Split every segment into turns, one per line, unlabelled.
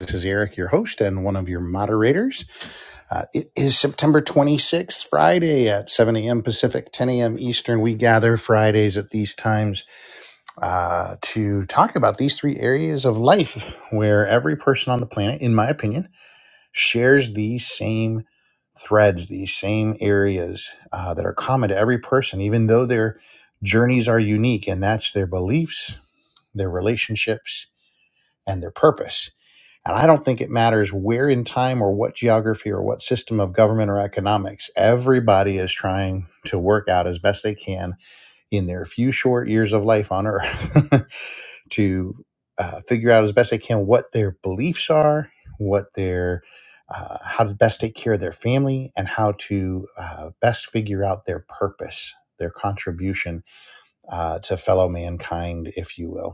This is Eric, your host and one of your moderators. Uh, it is September 26th, Friday at 7 a.m. Pacific, 10 a.m. Eastern. We gather Fridays at these times uh, to talk about these three areas of life where every person on the planet, in my opinion, shares these same threads, these same areas uh, that are common to every person, even though their journeys are unique, and that's their beliefs, their relationships, and their purpose. And I don't think it matters where in time or what geography or what system of government or economics. Everybody is trying to work out as best they can in their few short years of life on earth to uh, figure out as best they can what their beliefs are, what their uh, how to best take care of their family and how to uh, best figure out their purpose, their contribution uh, to fellow mankind, if you will.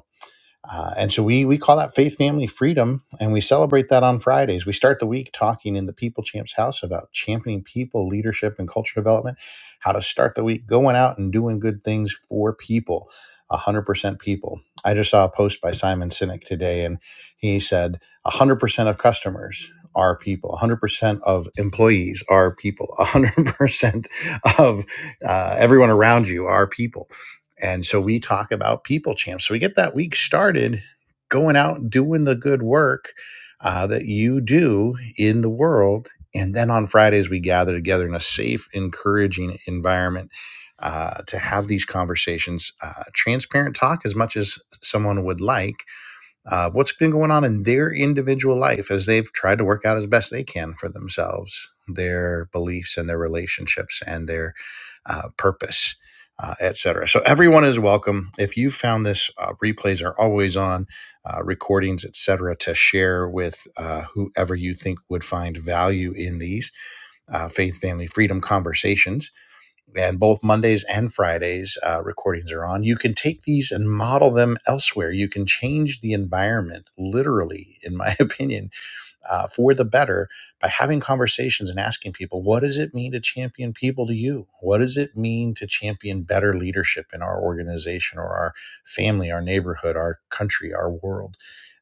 Uh, and so we we call that faith, family, freedom, and we celebrate that on Fridays. We start the week talking in the People Champs house about championing people, leadership, and culture development. How to start the week going out and doing good things for people, one hundred percent people. I just saw a post by Simon Sinek today, and he said one hundred percent of customers are people, one hundred percent of employees are people, one hundred percent of uh, everyone around you are people and so we talk about people champs. So we get that week started going out and doing the good work uh, that you do in the world. And then on Fridays, we gather together in a safe, encouraging environment uh, to have these conversations. Uh, transparent talk as much as someone would like uh, what's been going on in their individual life as they've tried to work out as best they can for themselves their beliefs and their relationships and their uh, purpose uh, et cetera. so everyone is welcome if you found this uh, replays are always on uh, recordings et cetera, to share with uh, whoever you think would find value in these uh, faith family freedom conversations and both Mondays and Fridays uh, recordings are on. You can take these and model them elsewhere. You can change the environment, literally, in my opinion, uh, for the better by having conversations and asking people, what does it mean to champion people to you? What does it mean to champion better leadership in our organization or our family, our neighborhood, our country, our world?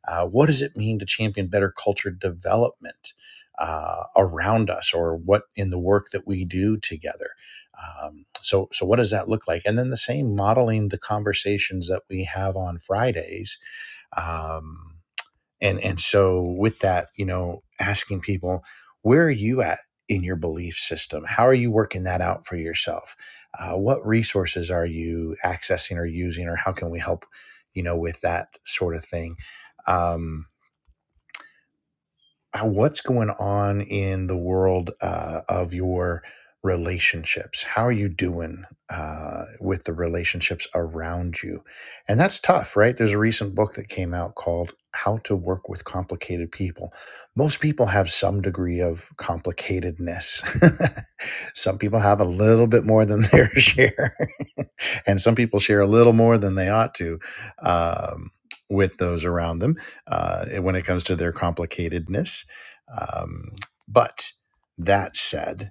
Uh, what does it mean to champion better culture development uh, around us or what in the work that we do together? Um, so, so what does that look like? And then the same modeling the conversations that we have on Fridays. Um, and and so with that you know asking people where are you at in your belief system how are you working that out for yourself uh, what resources are you accessing or using or how can we help you know with that sort of thing Um, uh, what's going on in the world uh, of your relationships how are you doing uh, with the relationships around you and that's tough right there's a recent book that came out called how to work with complicated people most people have some degree of complicatedness some people have a little bit more than their share and some people share a little more than they ought to um, with those around them uh, when it comes to their complicatedness um, but that said,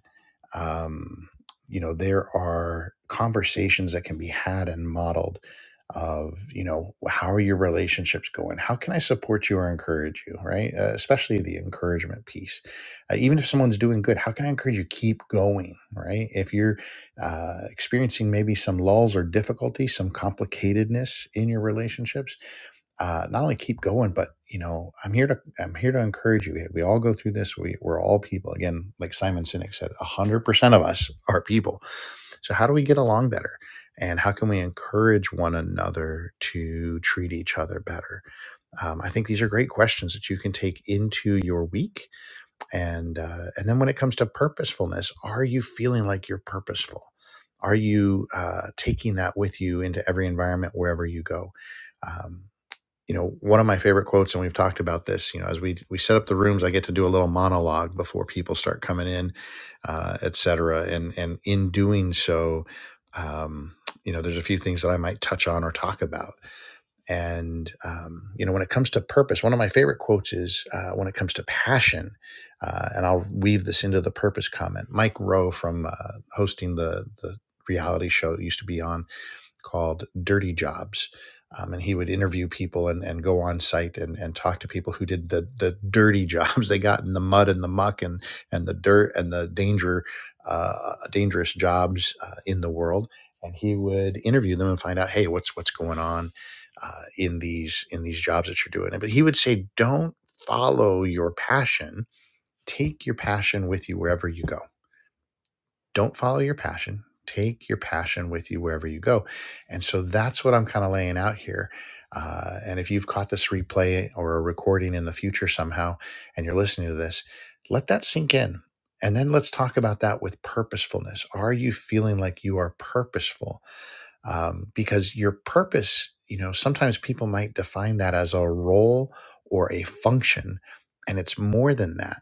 um, you know, there are conversations that can be had and modeled of, you know, how are your relationships going? How can I support you or encourage you, right? Uh, especially the encouragement piece. Uh, even if someone's doing good, how can I encourage you keep going, right? If you're uh, experiencing maybe some lulls or difficulty, some complicatedness in your relationships, uh, not only keep going, but you know, I'm here to I'm here to encourage you. We all go through this. We we're all people. Again, like Simon Sinek said, hundred percent of us are people. So how do we get along better? And how can we encourage one another to treat each other better? Um, I think these are great questions that you can take into your week. And uh, and then when it comes to purposefulness, are you feeling like you're purposeful? Are you uh, taking that with you into every environment wherever you go? Um, you know one of my favorite quotes and we've talked about this you know as we we set up the rooms i get to do a little monologue before people start coming in uh, et cetera and and in doing so um, you know there's a few things that i might touch on or talk about and um, you know when it comes to purpose one of my favorite quotes is uh, when it comes to passion uh, and i'll weave this into the purpose comment mike rowe from uh, hosting the the reality show that used to be on called Dirty Jobs. Um, and he would interview people and, and go on site and, and talk to people who did the, the dirty jobs they got in the mud and the muck and, and the dirt and the danger uh, dangerous jobs uh, in the world and he would interview them and find out hey what's what's going on uh, in these in these jobs that you're doing but he would say don't follow your passion take your passion with you wherever you go don't follow your passion take your passion with you wherever you go and so that's what i'm kind of laying out here uh, and if you've caught this replay or a recording in the future somehow and you're listening to this let that sink in and then let's talk about that with purposefulness are you feeling like you are purposeful um, because your purpose you know sometimes people might define that as a role or a function and it's more than that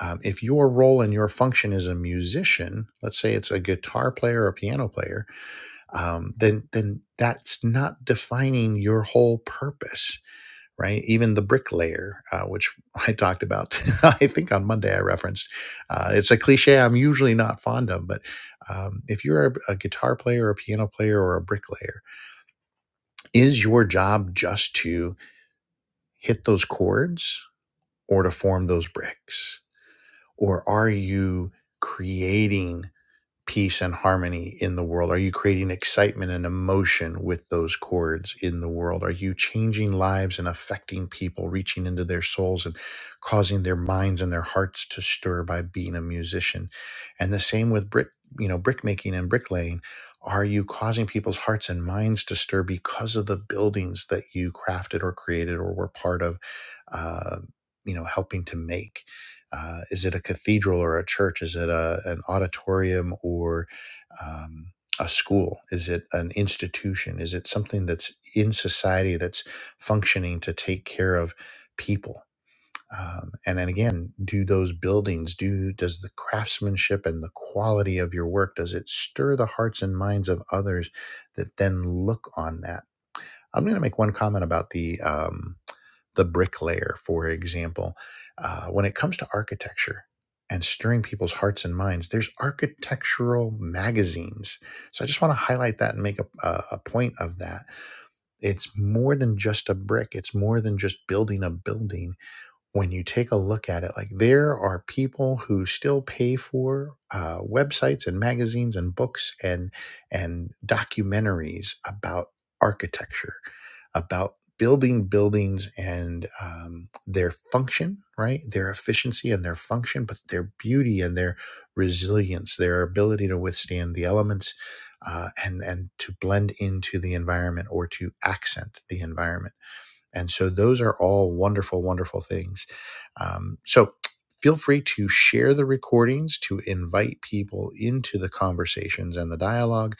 um, if your role and your function is a musician let's say it's a guitar player or a piano player um, then then that's not defining your whole purpose right even the bricklayer uh, which i talked about i think on monday i referenced uh, it's a cliche i'm usually not fond of but um, if you're a, a guitar player or a piano player or a bricklayer is your job just to hit those chords or to form those bricks? Or are you creating? peace and harmony in the world? Are you creating excitement and emotion with those chords in the world? Are you changing lives and affecting people, reaching into their souls and causing their minds and their hearts to stir by being a musician? And the same with brick, you know, brick making and bricklaying. Are you causing people's hearts and minds to stir because of the buildings that you crafted or created or were part of, uh, you know, helping to make? Uh, is it a cathedral or a church? Is it a, an auditorium or um, a school? Is it an institution? Is it something that's in society that's functioning to take care of people? Um, and then again, do those buildings do does the craftsmanship and the quality of your work does it stir the hearts and minds of others that then look on that? I'm going to make one comment about the um, the bricklayer, for example. Uh, when it comes to architecture and stirring people's hearts and minds, there's architectural magazines. So I just want to highlight that and make a, a a point of that. It's more than just a brick, it's more than just building a building. When you take a look at it, like there are people who still pay for uh, websites and magazines and books and and documentaries about architecture about building buildings and um, their function, right? Their efficiency and their function, but their beauty and their resilience, their ability to withstand the elements uh, and and to blend into the environment or to accent the environment and so those are all wonderful, wonderful things. Um, so feel free to share the recordings to invite people into the conversations and the dialogue.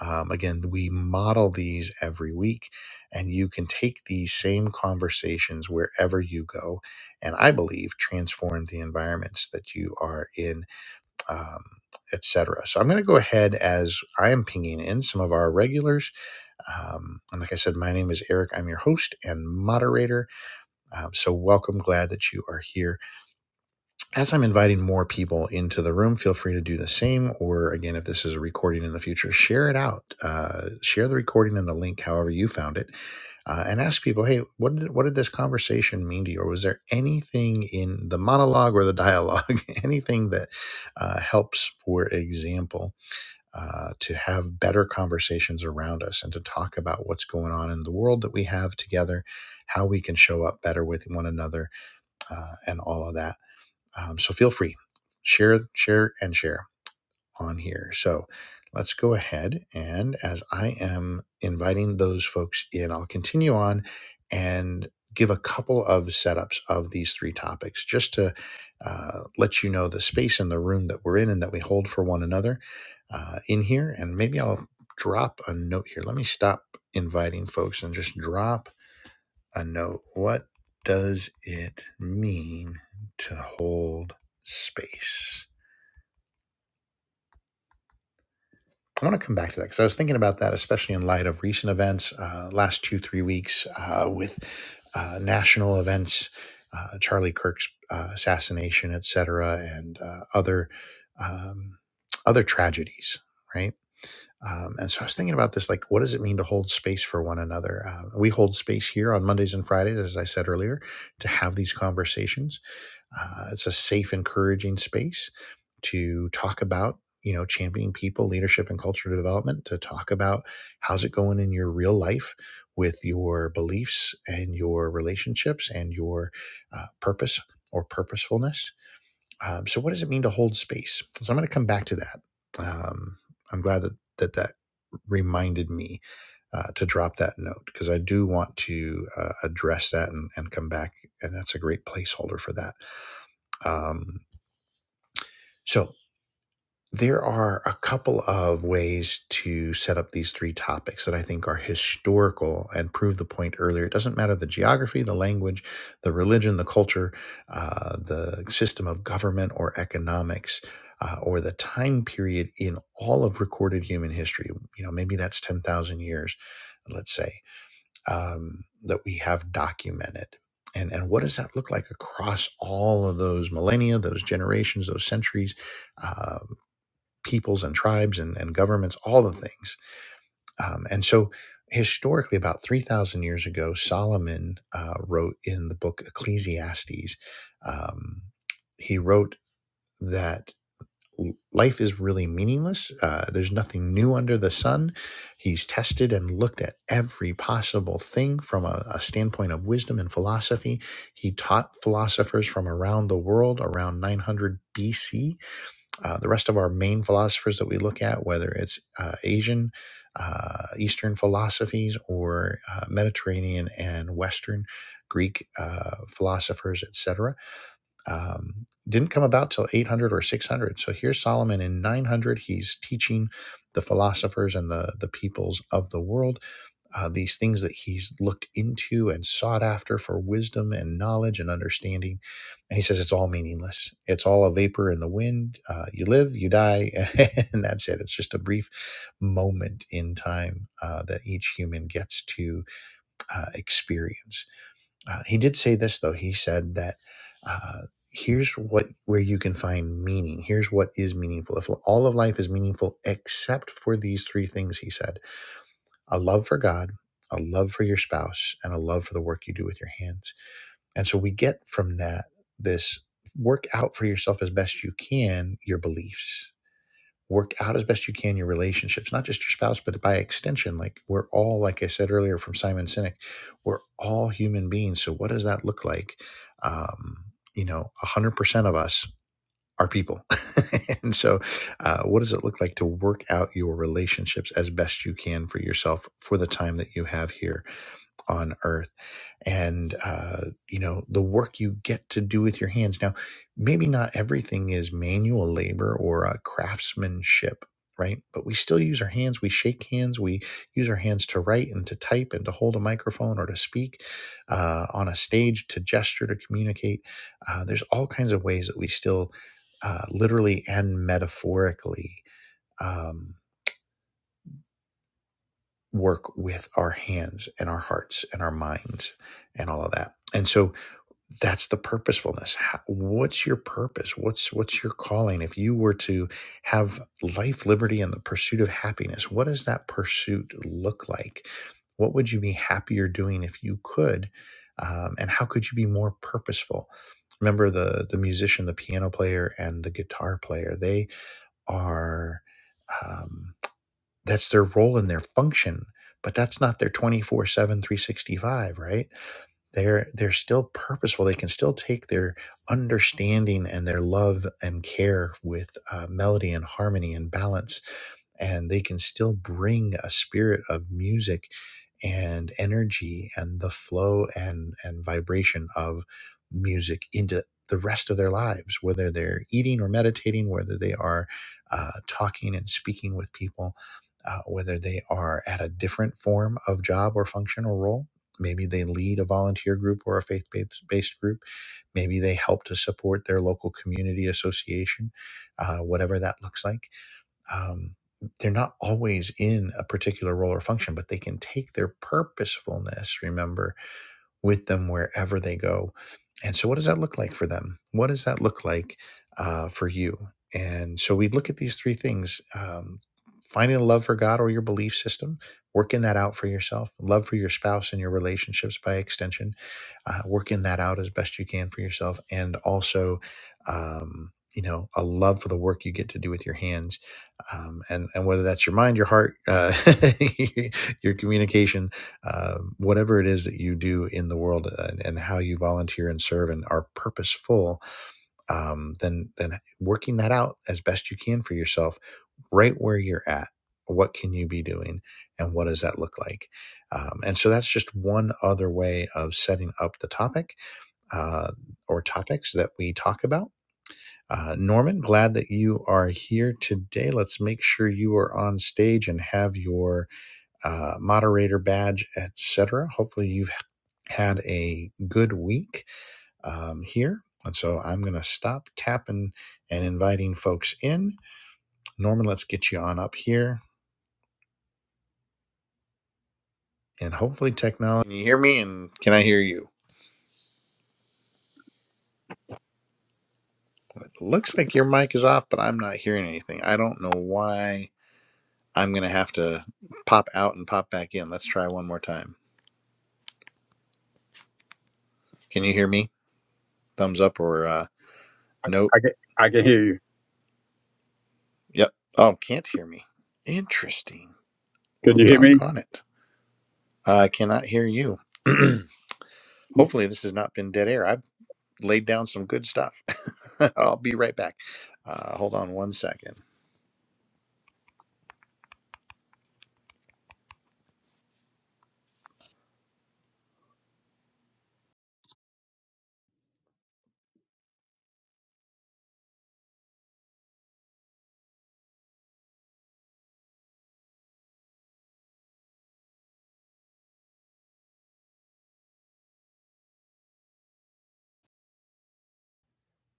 Um, again, we model these every week, and you can take these same conversations wherever you go. And I believe transform the environments that you are in. Um, Etc. So I'm going to go ahead as I am pinging in some of our regulars um, and like I said, my name is Eric. I'm your host and moderator. Um, so, welcome. Glad that you are here. As I'm inviting more people into the room, feel free to do the same. Or, again, if this is a recording in the future, share it out. Uh, share the recording and the link, however, you found it. Uh, and ask people, hey, what did, what did this conversation mean to you? Or was there anything in the monologue or the dialogue, anything that uh, helps, for example? uh, to have better conversations around us and to talk about what's going on in the world that we have together, how we can show up better with one another, uh, and all of that. Um, so feel free, share, share, and share on here. So let's go ahead and as I am inviting those folks in, I'll continue on and give a couple of setups of these three topics just to uh, let you know the space in the room that we're in and that we hold for one another uh, in here. And maybe I'll drop a note here. Let me stop inviting folks and just drop a note. What does it mean to hold space? I want to come back to that because I was thinking about that, especially in light of recent events, uh, last two, three weeks uh, with uh, national events, uh, Charlie Kirk's uh, assassination, et cetera, and uh, other um, other tragedies, right? Um, and so I was thinking about this, like, what does it mean to hold space for one another? Uh, we hold space here on Mondays and Fridays, as I said earlier, to have these conversations uh, it's a safe, encouraging space to talk about, you know, championing people, leadership, and culture development, to talk about how's it going in your real life with your beliefs and your relationships and your uh, purpose or purposefulness. Um, so, what does it mean to hold space? So, I'm going to come back to that. Um, I'm glad that that, that reminded me uh, to drop that note because I do want to uh, address that and, and come back. And that's a great placeholder for that. Um, so there are a couple of ways to set up these three topics that I think are historical and prove the point earlier. It doesn't matter the geography, the language, the religion, the culture, uh, the system of government or economics. Uh, or the time period in all of recorded human history. You know, maybe that's 10,000 years, let's say um, that we have documented. And, and what does that look like across all of those millennia, those generations, those centuries, um, peoples and tribes and, and governments, all the things? Um, and so, historically, about 3,000 years ago, Solomon uh, wrote in the book Ecclesiastes, um, he wrote that life is really meaningless. Uh, there's nothing new under the sun. He's tested and looked at every possible thing from a, a standpoint of wisdom and philosophy. He taught philosophers from around the world around 900 BC. Uh, the rest of our main philosophers that we look at, whether it's uh, Asian, uh, Eastern philosophies, or uh, Mediterranean and Western Greek uh, philosophers, etc um, didn't come about till 800 or 600. So here's Solomon in 900. He's teaching the philosophers and the, the peoples of the world uh, these things that he's looked into and sought after for wisdom and knowledge and understanding. And he says it's all meaningless. It's all a vapor in the wind. Uh, you live, you die, and that's it. It's just a brief moment in time uh, that each human gets to uh, experience. Uh, he did say this though. He said that uh, here's what where you can find meaning. Here's what is meaningful. If all of life is meaningful except for these three things, he said: a love for God, a love for your spouse, and a love for the work you do with your hands. And so we get from that this work out for yourself as best you can your beliefs work out as best you can your relationships, not just your spouse, but by extension. Like we're all, like I said earlier from Simon Sinek, we're all human beings. So what does that look like? Um, you know, one hundred percent of us are people, and so uh, what does it look like to work out your relationships as best you can for yourself for the time that you have here on Earth? and uh, you know the work you get to do with your hands. Now, maybe not everything is manual labor or uh, craftsmanship, right? But we still use our hands. We shake hands. We use our hands to write and to type and to hold a microphone or to speak uh, on a stage, to gesture, to communicate. Uh, there's all kinds of ways that we still, uh, literally and metaphorically. Um, work with our hands and our hearts and our minds and all of that. And so that's the purposefulness How, what's your purpose what's what's your calling if you were to have life liberty and the pursuit of happiness what does that pursuit look like what would you be happier doing if you could um, and how could you be more purposeful remember the the musician the piano player and the guitar player they are um, that's their role and their function but that's not their twenty four seven, three sixty five, right they're they're still purposeful they can still take their understanding and their love and care with uh, melody and harmony and balance and they can still bring a spirit of music and energy and the flow and and vibration of music into the rest of their lives whether they're eating or meditating whether they are uh, talking and speaking with people uh, whether they are at a different form of job or function or role maybe they lead a volunteer group or a faith-based group maybe they help to support their local community association uh, whatever that looks like um, they're not always in a particular role or function, but they can take their purposefulness, remember, with them wherever they go. And so, what does that look like for them? What does that look like uh, for you? And so, we look at these three things um, finding a love for God or your belief system, working that out for yourself, love for your spouse and your relationships by extension, uh, working that out as best you can for yourself, and also, um, you know, a love for the work you get to do with your hands um, and and whether that's your mind, your heart, uh, your communication, um, whatever it is that you do in the world uh, and, and how you volunteer and serve and are purposeful, um, then then working that out as best you can for yourself, right where you're at. What can you be doing, and what does that look like? Um, and so that's just one other way of setting up the topic uh, or topics that we talk about. Uh, Norman, glad that you are here today. Let's make sure you are on stage and have your uh, moderator badge, etc. Hopefully, you had a good week um, here. And so I'm going to stop tapping and inviting folks in. Norman, let's get you on up here. And hopefully, technology. Can you hear me? And can I hear you? It looks like your mic is off, but I'm not hearing anything. I don't know why I'm going to have to pop out and pop back in. Let's try one more time. Can you hear me? Thumbs up or uh, nope.
I can, I can hear you.
Yep. Oh, can't hear me. Interesting.
Can
Well,
you hear me?
doggone it. I uh, cannot hear you. Hopefully, this has not been dead air. I've laid down some good stuff. I'll be right back. Uh, hold on one second.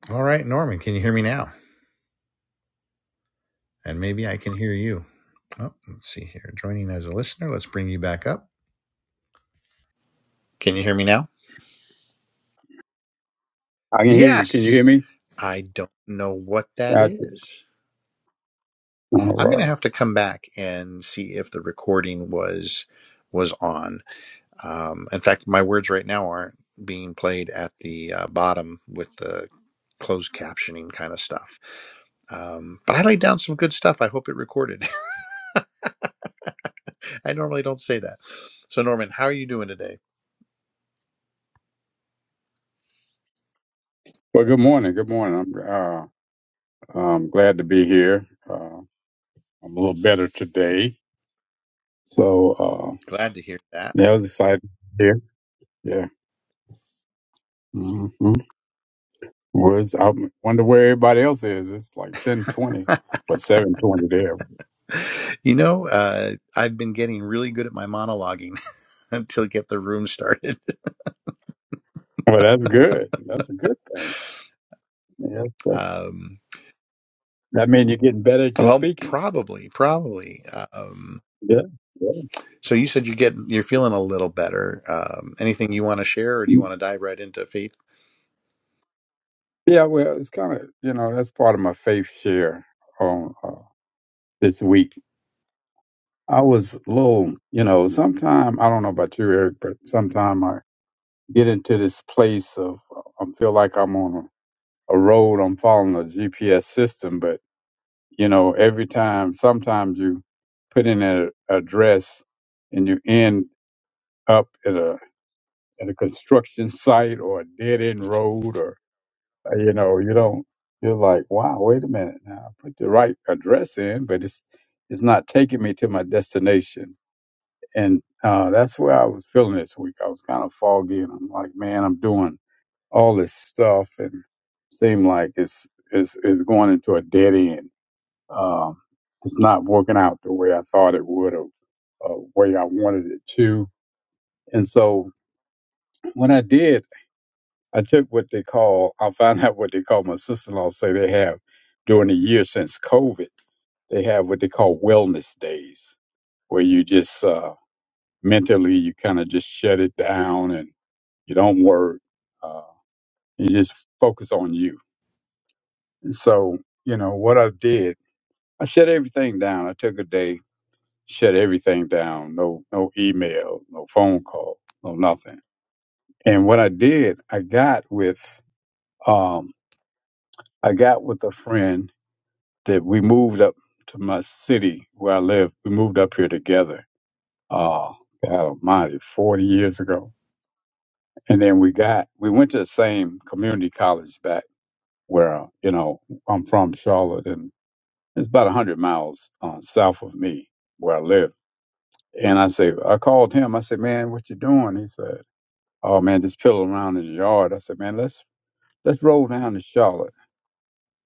All right, Norman, can you hear me now? And maybe I can hear you. Oh, let's see here. Joining as a listener, let's bring you back up. Can you hear me now?
I can hear you. Can you
Yes.
hear me?
I don't know what that
Gotcha.
is.
All
I'm going to
right.
have to come back and see if the recording was was on Um, in fact, my words right now aren't being played at the uh, bottom with the closed captioning kind of stuff. Um, but I laid down some good stuff. I hope it recorded. I normally don't say that. So, Norman, how are you doing today?
Well, good morning. Good morning. I'm uh, I'm glad to be here. Uh, I'm a little better today, so uh,
Glad to hear that.
that was exciting. Here, yeah. hmm Where's I wonder where everybody else is. It's like ten twenty, but seven twenty there.
You know, uh, I've been getting really good at my monologuing until get the room started.
Well, that's good. That's a good thing. Yeah. So
Um,
That means you're getting better at your
well,
speaking.
probably, probably. Um,
Yeah. Yeah.
so you said you get you're feeling a little better. Um, anything you want to share, or do you want to dive right into
Yeah, well, it's kind of, you know, that's part of my faith share on uh, this week. I was a little, you know, sometime, I don't know about you, Eric, but sometime I get into this place of, uh, I feel like I'm on a, a road, I'm following a GPS system, but, you know, every time, sometimes you put in an address and you end up at a, at a construction site or a dead end road or Uh, You know, you don't. You're like, wow, wait a minute now. I put the right address in, but it's it's not taking me to my destination. And uh, that's where I was feeling this week. I was kind of foggy, and I'm like, man, I'm doing all this stuff, and seem like it's it's it's going into a dead end. Um, it's not working out the way I thought it would, or, or way I wanted it to. And so, what I did. I took what they call, I found out what they call, my sister in law say they have during the year since COVID, they have what they call wellness days, where you just uh, mentally, you kind of just shut it down and you don't work. Uh, you just focus on you. And so, you know, what I did, I shut everything down. I took a day, shut everything down. No, no email, no phone call, no nothing. And what I did, I got with, um, I got with a friend that we moved up to my city where I live. We moved up here together. Oh, God Almighty, forty years ago. And then we got we went to the same community college back where you know I'm from, Charlotte, and it's about a hundred miles uh, south of me where I live. And I say I called him. I said, "Man, what you doing?" He said, "Oh man, just pilling around in the yard." I said, "Man, let's let's roll down to Charlotte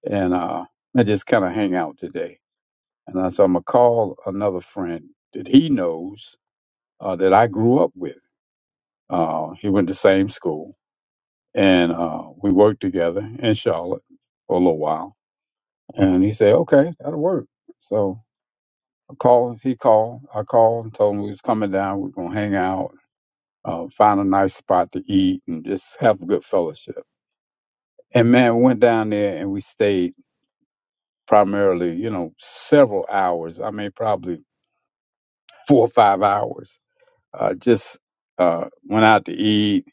and uh and just kind of hang out today." And I said, I'm going to call another friend that he knows uh, that I grew up with. Uh, he went to same school and uh, we worked together in Charlotte for a little while. And he said, okay, that'll work. So I called, he called, I called and told him we was coming down. We are going to hang out, uh, find a nice spot to eat and just have a good fellowship. And man, we went down there and we stayed primarily, you know, several hours. I mean, probably four or five hours Uh, just uh, went out to eat,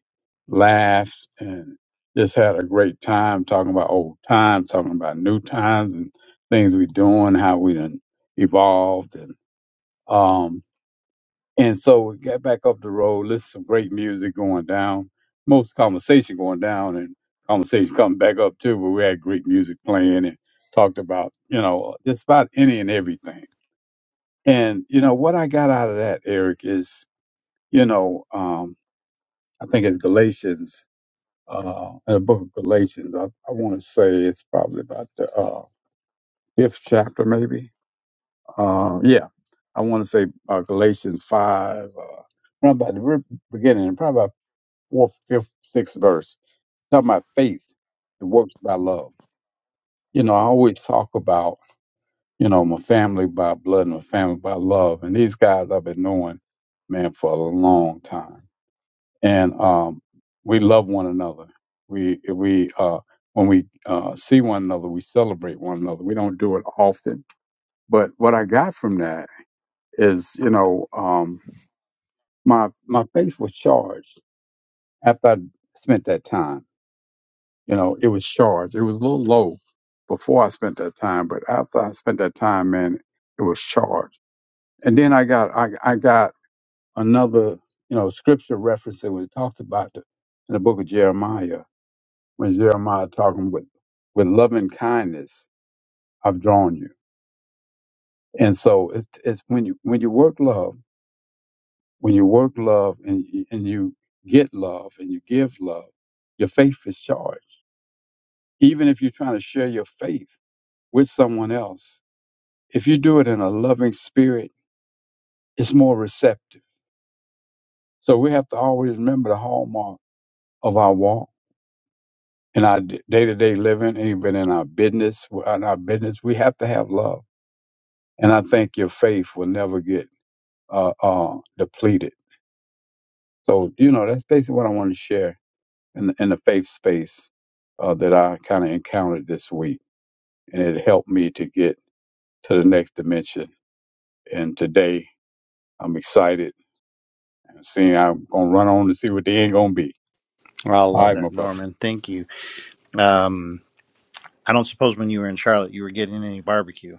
laughed, and just had a great time talking about old times, talking about new times and things we doing, how we done evolved, and um, and so we got back up the road, listened to some great music going down, most conversation going down, and conversation coming back up too. But we had great music playing and talked about you know just about any and everything. And you know what I got out of that, Eric, is you know. um, I think it's Galatians, uh, in the book of Galatians. I, I want to say it's probably about the uh, fifth chapter, maybe. Uh, yeah, I want to say uh, Galatians 5, uh, around about the very beginning, probably about fourth, fifth, sixth verse. Talking about faith, it works by love. You know, I always talk about, you know, my family by blood and my family by love. And these guys I've been knowing, man, for a long time and um, we love one another. We we uh, when we uh, see one another, we celebrate one another. We don't do it often, but what I got from that is, you know, um, my my face was charged after I spent that time. You know, it was charged. It was a little low before I spent that time, but after I spent that time, man, it was charged. And then I got I, I got another you know scripture reference that was talked about in the book of Jeremiah when Jeremiah talking with with loving kindness, I've drawn you. And so it's, it's when you when you work love, when you work love and you, and you get love and you give love, your faith is charged. Even if you're trying to share your faith with someone else, if you do it in a loving spirit, it's more receptive. So we have to always remember the hallmark of our walk in our day to day living, even in our business. well, In our business, we have to have love. And I think your faith will never get uh, uh, depleted. So, you know, that's basically what I wanted to share in the, in the faith space uh, that I kind of encountered this week. And it helped me to get to the next dimension. And today I'm excited. I'm Seeing I'm going to run on to see what the end going to be.
Well, I
All
love
right, my
that,
brother.
Norman. Thank you. Um, I don't suppose when you were in Charlotte, you were getting any barbecue.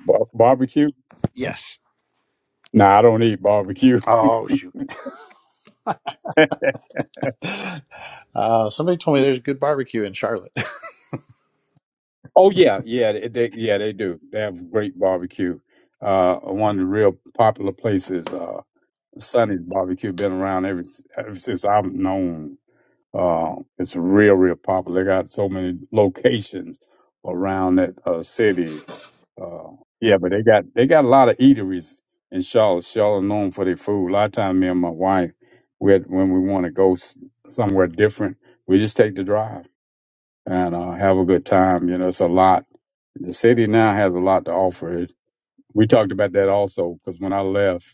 Bar- barbecue?
Yes.
Nah, I don't eat barbecue.
Oh shoot. Uh, somebody told me there's good barbecue in Charlotte.
oh, yeah. Yeah, they, they, yeah, they do. They have great barbecue. Uh, one of the real popular places, uh, Sonny's Barbecue, been around ever, s- ever since I've known Uh, it's real, real popular. They got so many locations around that uh, city. Uh, yeah, but they got they got a lot of eateries in Charlotte. Charlotte known for their food. A lot of time, me and my wife, we had, when we want to go s- somewhere different, we just take the drive and uh, have a good time. You know, it's a lot. The city now has a lot to offer. We talked about that also because when I left.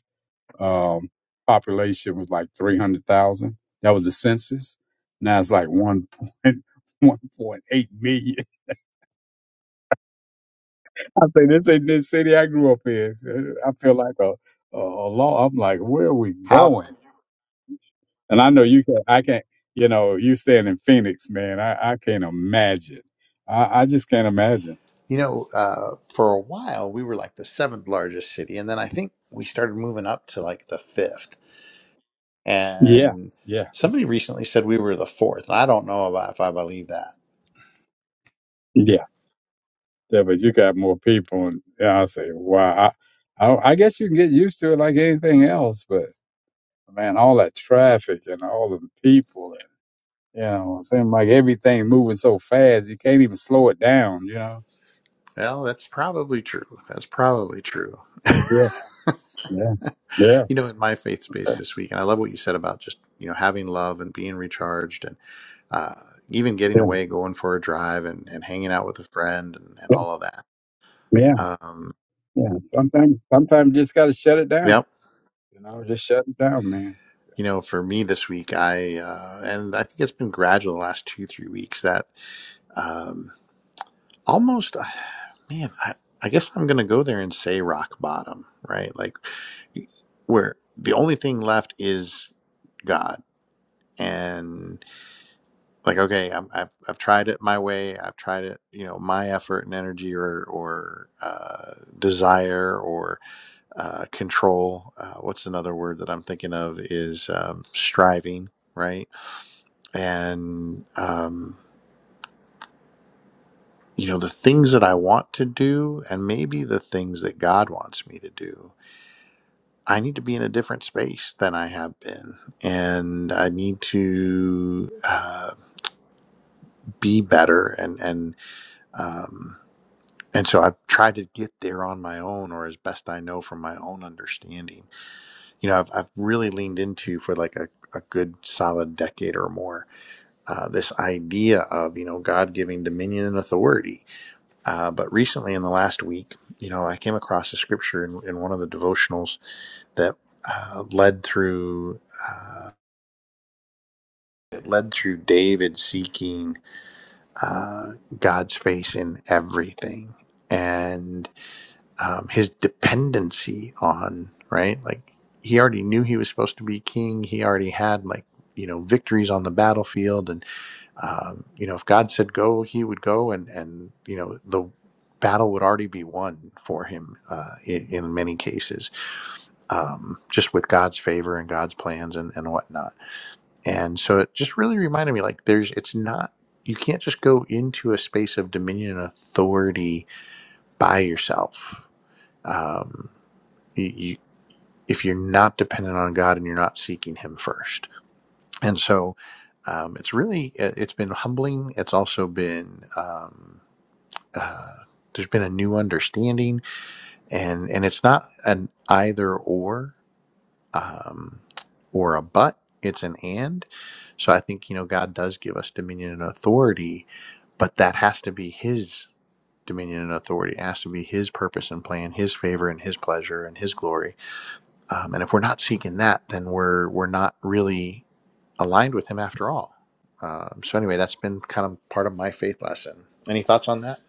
Um, population was like 300,000. That was the census. Now it's like 1.1.8 million. I say this ain't this city I grew up in. I feel like a, a, a law. I'm like, where are we
How
going? And I know you can, I can't, you know, you staying in Phoenix, man. I, I can't imagine. I, I just can't imagine.
you know? Uh, for a while, we were like the seventh largest city, and then I think we started moving up to like the fifth.
Yeah.
And
Yeah. It's,
somebody recently said we were the fourth, and I don't know about if I believe that.
yeah. Yeah, but you got more people, and, and I say, wow, I, I, I guess you can get used to it like anything else. But man, all that traffic and all the people, and you know, it seems like everything moving so fast, you can't even slow it down. You know.
Well, that's probably true. That's probably true.
Yeah, yeah, yeah,
you know, in my faith space this week, and I love what you said about just you know having love and being recharged, and uh, even getting
yeah,
away, going for a drive, and, and hanging out with a friend, and, and
yeah,
all of that.
yeah.
Um,
yeah. Sometimes, sometimes you just got to shut it down.
yep.
You know, just shut it down, man.
You know, for me this week, I uh, and I think it's been gradual the last two three weeks that um, almost, man, I, I guess I'm gonna go there and say rock bottom, right? Like where the only thing left is God, and like okay I'm, I've, I've tried it my way i've tried it you know my effort and energy or or uh, desire or uh, control uh, what's another word that i'm thinking of is um, striving right and um, you know the things that i want to do and maybe the things that god wants me to do i need to be in a different space than i have been and i need to uh, be better and and um, and so I've tried to get there on my own or as best I know from my own understanding. You know, I've, I've really leaned into for like a, a good solid decade or more uh, this idea of, you know, God giving dominion and authority. Uh, but recently in the last week, you know, I came across a scripture in, in one of the devotionals that uh, led through. Uh, it led through David seeking uh, God's face in everything. And um, his dependency on, right? Like he already knew he was supposed to be king. He already had like, you know, victories on the battlefield. And, um, you know, if God said go, he would go. And, and, you know, the battle would already be won for him uh, in, in many cases, um, just with God's favor and God's plans and, and whatnot. And so it just really reminded me like, there's, it's not, you can't just go into a space of dominion and authority by yourself. Um, you, if you're not dependent on God and you're not seeking Him first. And so um, it's really, it- has been humbling. It's also been, um, uh, there's been a new understanding and, and it's not an either or, um, or a but, it's an and. So I think, you know, God does give us dominion and authority, but that has to be His dominion and authority. It has to be His purpose and plan, His favor and His pleasure and His glory um, and if we're not seeking that, then we're we're not really aligned with Him after all. Um, so anyway, that's been kind of part of my faith lesson. Any thoughts on that?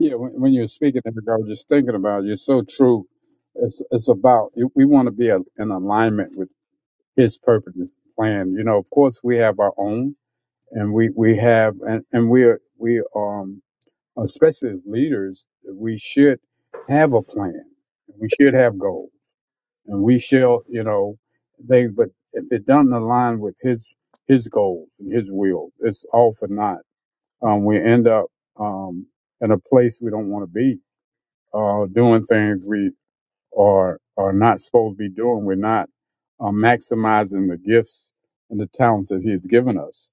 Yeah, when, when you're speaking, I was just thinking about it. You're so true. It's it's about we want to be a, in alignment with His purpose, His plan. You know, of course, we have our own, and we we have, and and we're we um especially as leaders, that we should have a plan. We should have goals, and we shall, you know, things. But if it doesn't align with his his goals and his will, it's all for naught. Um, we end up um, in a place we don't want to be, uh, doing things we or are not supposed to be doing. We're not uh, maximizing the gifts and the talents that He's given us.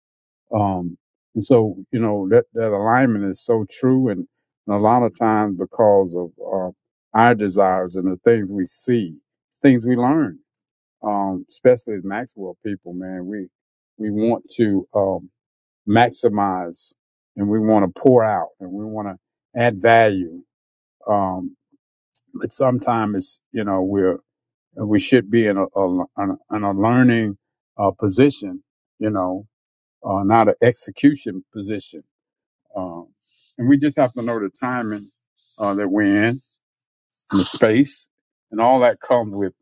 Um, and so, you know, that, that alignment is so true. And, and a lot of times, because of uh, our desires and the things we see, things we learn, um, especially as Maxwell people, man, we, we want to um, maximize and we want to pour out and we want to add value. Um, but sometimes, it's, you know, we're and we should be in a, a, an, in a learning uh, position, you know, uh, not an execution position. Um, and we just have to know the timing uh, that we're in, and the space, and all that comes with,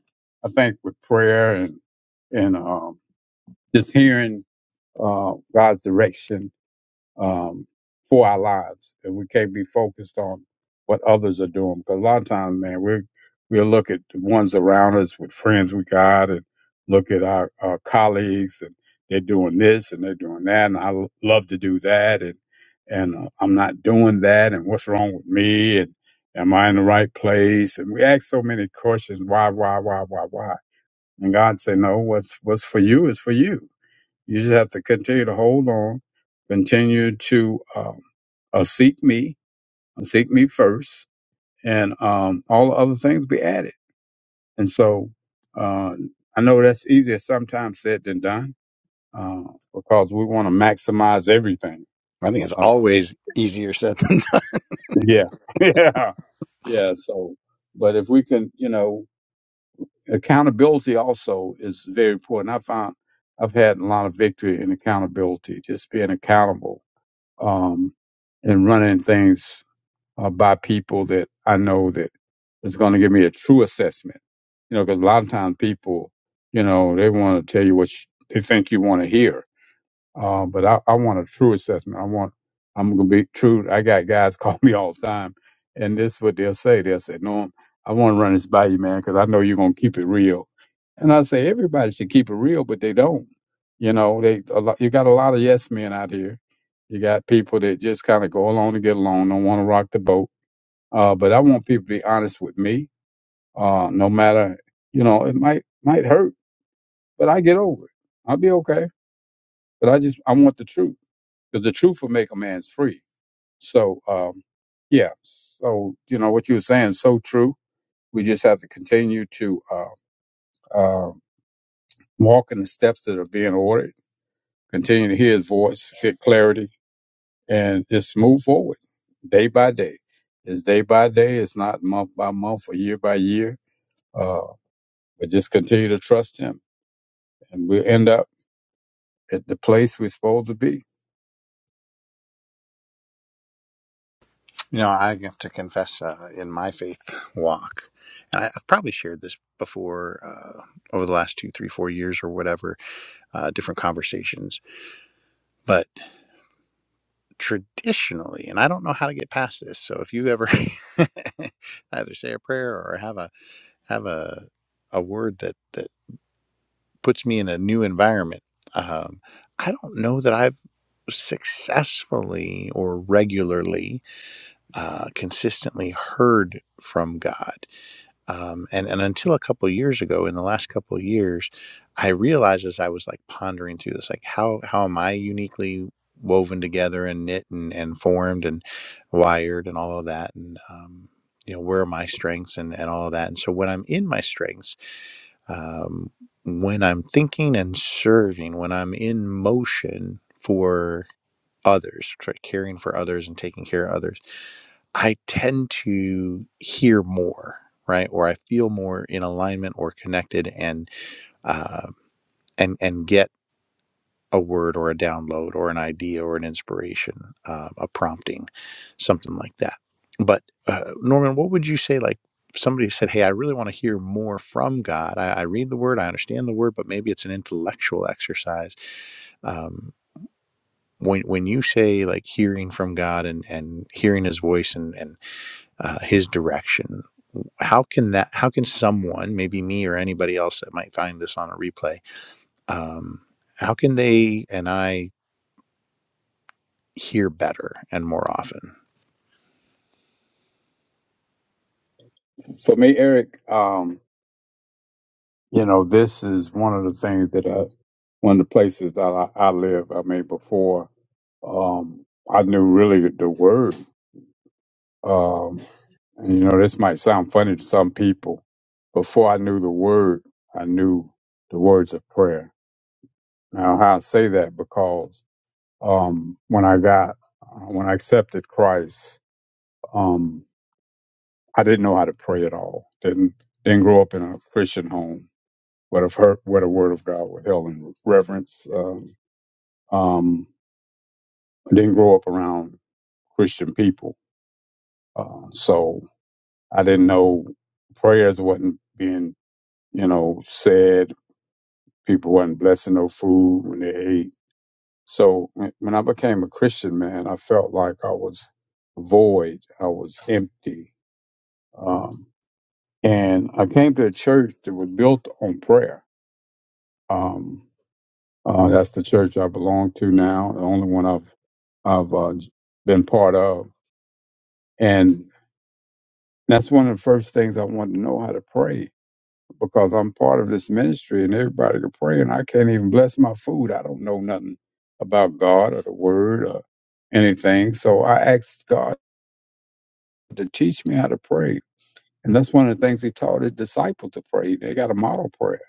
I think, with prayer and and um, just hearing uh, God's direction um, for our lives. And we can't be focused on what others are doing. Because a lot of times, man, we we'll look at the ones around us with friends we got and look at our, our colleagues and they're doing this and they're doing that. And I l- love to do that. And, and uh, I'm not doing that. And what's wrong with me? And am I in the right place? And we ask so many questions. Why, why, why, why, why? And God say, no, what's, what's for you is for you you just have to continue to hold on, continue to um, uh, seek me, uh, seek me first, and um, all the other things be added. And so uh, I know that's easier sometimes said than done uh, because we want to maximize everything.
I think it's
Uh,
always easier said than done.
yeah, yeah, yeah. So, but if we can, you know, accountability also is very important. I found I've had a lot of victory in accountability, just being accountable um, and running things uh, by people that I know that is going to give me a true assessment. You know, because a lot of times people, you know, they want to tell you what you, they think you want to hear uh, but I, I want a true assessment. I want, I'm going to be true. I got guys call me all the time, and this is what they'll say. They'll say, no, I want to run this by you, man, because I know you're going to keep it real. And I say, everybody should keep it real, but they don't. You know, they a lot, you got a lot of yes men out here. You got people that just kind of go along to get along, don't want to rock the boat. Uh, but I want people to be honest with me. Uh, no matter, you know, it might might hurt, but I get over it. I'll be okay. But I just I want the truth because the truth will make a man free. So, um, yeah. So, you know, what you were saying is so true. We just have to continue to uh, uh, walk in the steps that are being ordered, continue to hear his voice, get clarity, and just move forward day by day. It's day by day. It's not month by month or year by year. Uh, but just continue to trust him, and we'll end up at the place we're supposed to be.
You know, I have to confess uh, in my faith walk, and I, I've probably shared this before uh, over the last two, three, four years or whatever, uh, different conversations. But traditionally, and I don't know how to get past this. So if you ever either say a prayer or have a have a a word that that puts me in a new environment. Um, I don't know that I've successfully or regularly, uh, consistently heard from God. Um, and and until a couple of years ago, in the last couple of years, I realized as I was like pondering through this, like how how am I uniquely woven together and knit and, and formed and wired and all of that and um, you know where are my strengths and, and all of that and so when i'm in my strengths um, when I'm thinking and serving, when I'm in motion for others, for caring for others and taking care of others, I tend to hear more, right? Or I feel more in alignment or connected, and uh, and and get a word or a download or an idea or an inspiration, um, a prompting, something like that. But uh, Norman, what would you say? Like if somebody said, "Hey, I really want to hear more from God. I, I read the Word, I understand the Word, but maybe it's an intellectual exercise." Um, when when you say like hearing from God and and hearing His voice and and uh, His direction, how can that? How can someone, maybe me or anybody else that might find this on a replay? Um, how can they and I hear better and more often.
For me, Eric, um, You know, this is one of the things that I, one of the places that I, I live. I mean, before um, I knew really the, the word. Um, and you know, this might sound funny to some people. Before I knew the word, I knew the words of prayer. Now, how I say that because um, when I got uh, when I accepted Christ, um, I didn't know how to pray at all. Didn't didn't grow up in a Christian home, but I've heard where the Word of God was held in reverence. Um, Um, I didn't grow up around Christian people, uh, so I didn't know prayers wasn't being, you know, said. People wasn't blessing no food when they ate. So when when I became a Christian man, I felt like I was void. I was empty. Um, and I came to a church that was built on prayer. Um, uh, that's the church I belong to now, the only one I've I've uh, been part of. and. That's one of the first things I want to know how to pray because I'm part of this ministry and everybody can pray and I can't even bless my food. I don't know nothing about God or the word or anything. So I asked God to teach me how to pray. And that's one of the things he taught his disciples to pray. They got a model prayer.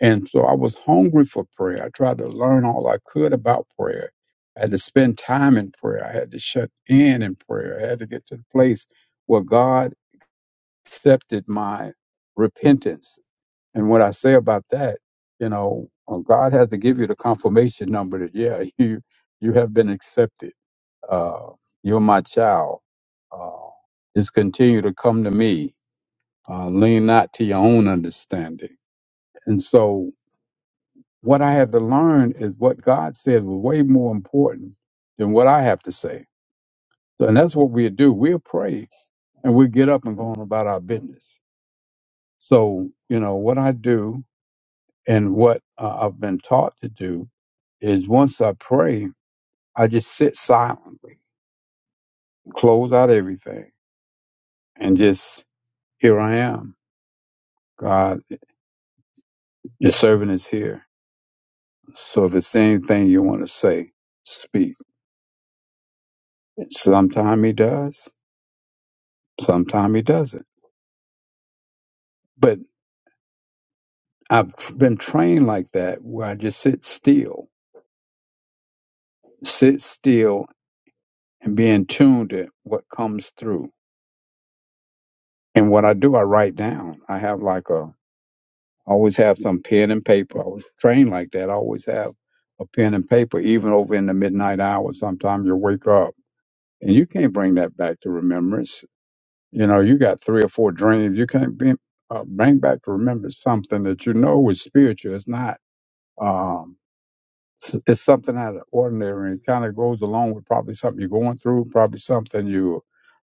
And so I was hungry for prayer. I tried to learn all I could about prayer. I had to spend time in prayer. I had to shut in in prayer. I had to get to the place where God accepted my repentance. And what I say about that, you know, uh, God has to give you the confirmation number that yeah, you you have been accepted. Uh, you're my child. Uh, just continue to come to me. Uh, lean not to your own understanding. And so, what I had to learn is what God said was way more important than what I have to say. So, And that's what we do. We'll pray and we get up and go on about our business. So, you know, what I do And what uh, I've been taught to do is once I pray, I just sit silently, close out everything, and just here I am. God, your servant is here. So if it's anything you want to say, speak. Sometimes he does, sometimes he doesn't. But I've tr- been trained like that where I just sit still, sit still and be in tune to what comes through. And what I do, I write down. I have like a always have some pen and paper. I was trained like that. I always have a pen and paper, even over in the midnight hours. Sometimes you wake up and you can't bring that back to remembrance. You know, you got three or four dreams. You can't be, uh, bring back to remembrance something that you know is spiritual. It's not, um, s- it's something out of the ordinary and kind of goes along with probably something you're going through, probably something you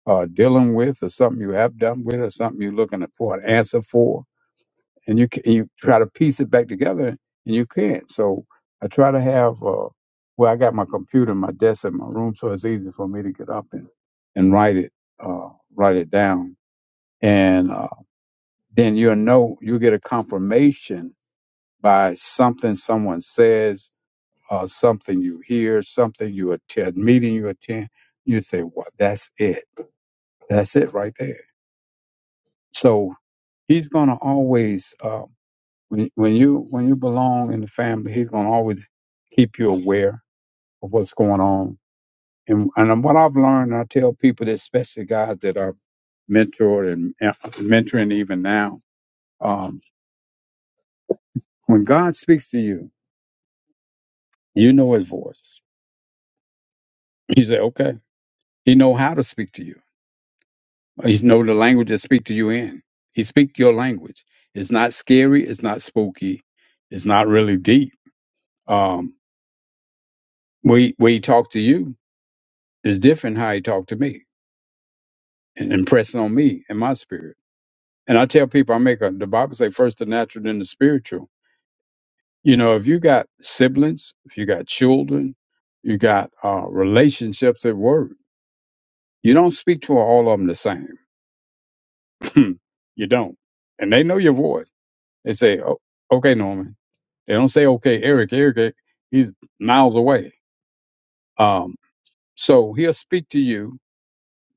are dealing with or something you have done with or something you're looking for an answer for and you ca- and you try to piece it back together and you can't. So I try to have uh, well, I got my computer, and my desk, in my room, so it's easy for me to get up and and write it uh, write it down, and uh, then you'll know you'll get a confirmation by something someone says, uh, something you hear, something you attend, meeting you attend. You say, "Well, that's it. That's it right there." So he's gonna always. Um, When, when you when you belong in the family, he's gonna always keep you aware of what's going on. And and what I've learned, I tell people, that especially guys that are mentored and and mentoring even now, um, when God speaks to you, you know His voice. You say, okay, He know how to speak to you. He know the language to speak to you in. He speak your language. It's not scary. It's not spooky. It's not really deep. Um, we we talk to you is different how he talked to me. and impressing on me and my spirit. And I tell people, I make a, the Bible say first the natural, then the spiritual. You know, if you got siblings, if you got children, you got uh, relationships at work, you don't speak to all of them the same. you don't. And they know your voice. They say, oh, okay, Norman. They don't say, okay, Eric, Eric, eh, he's miles away. Um, so he'll speak to you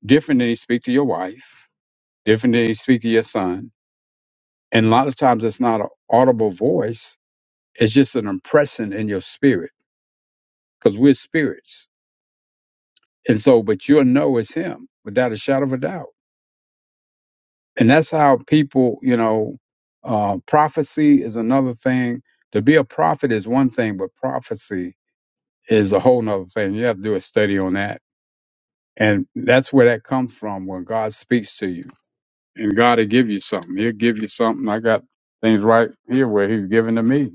different than he speak to your wife, different than he speak to your son. And a lot of times it's not an audible voice It's just an impression in your spirit because we're spirits. And so, but you'll know it's him without a shadow of a doubt. And that's how people, you know, uh, prophecy is another thing. To be a prophet is one thing, but prophecy is a whole nother thing. You have to do a study on that. And that's where that comes from when God speaks to you. And God will give you something. He'll give you something. I got things right here where he's giving to me.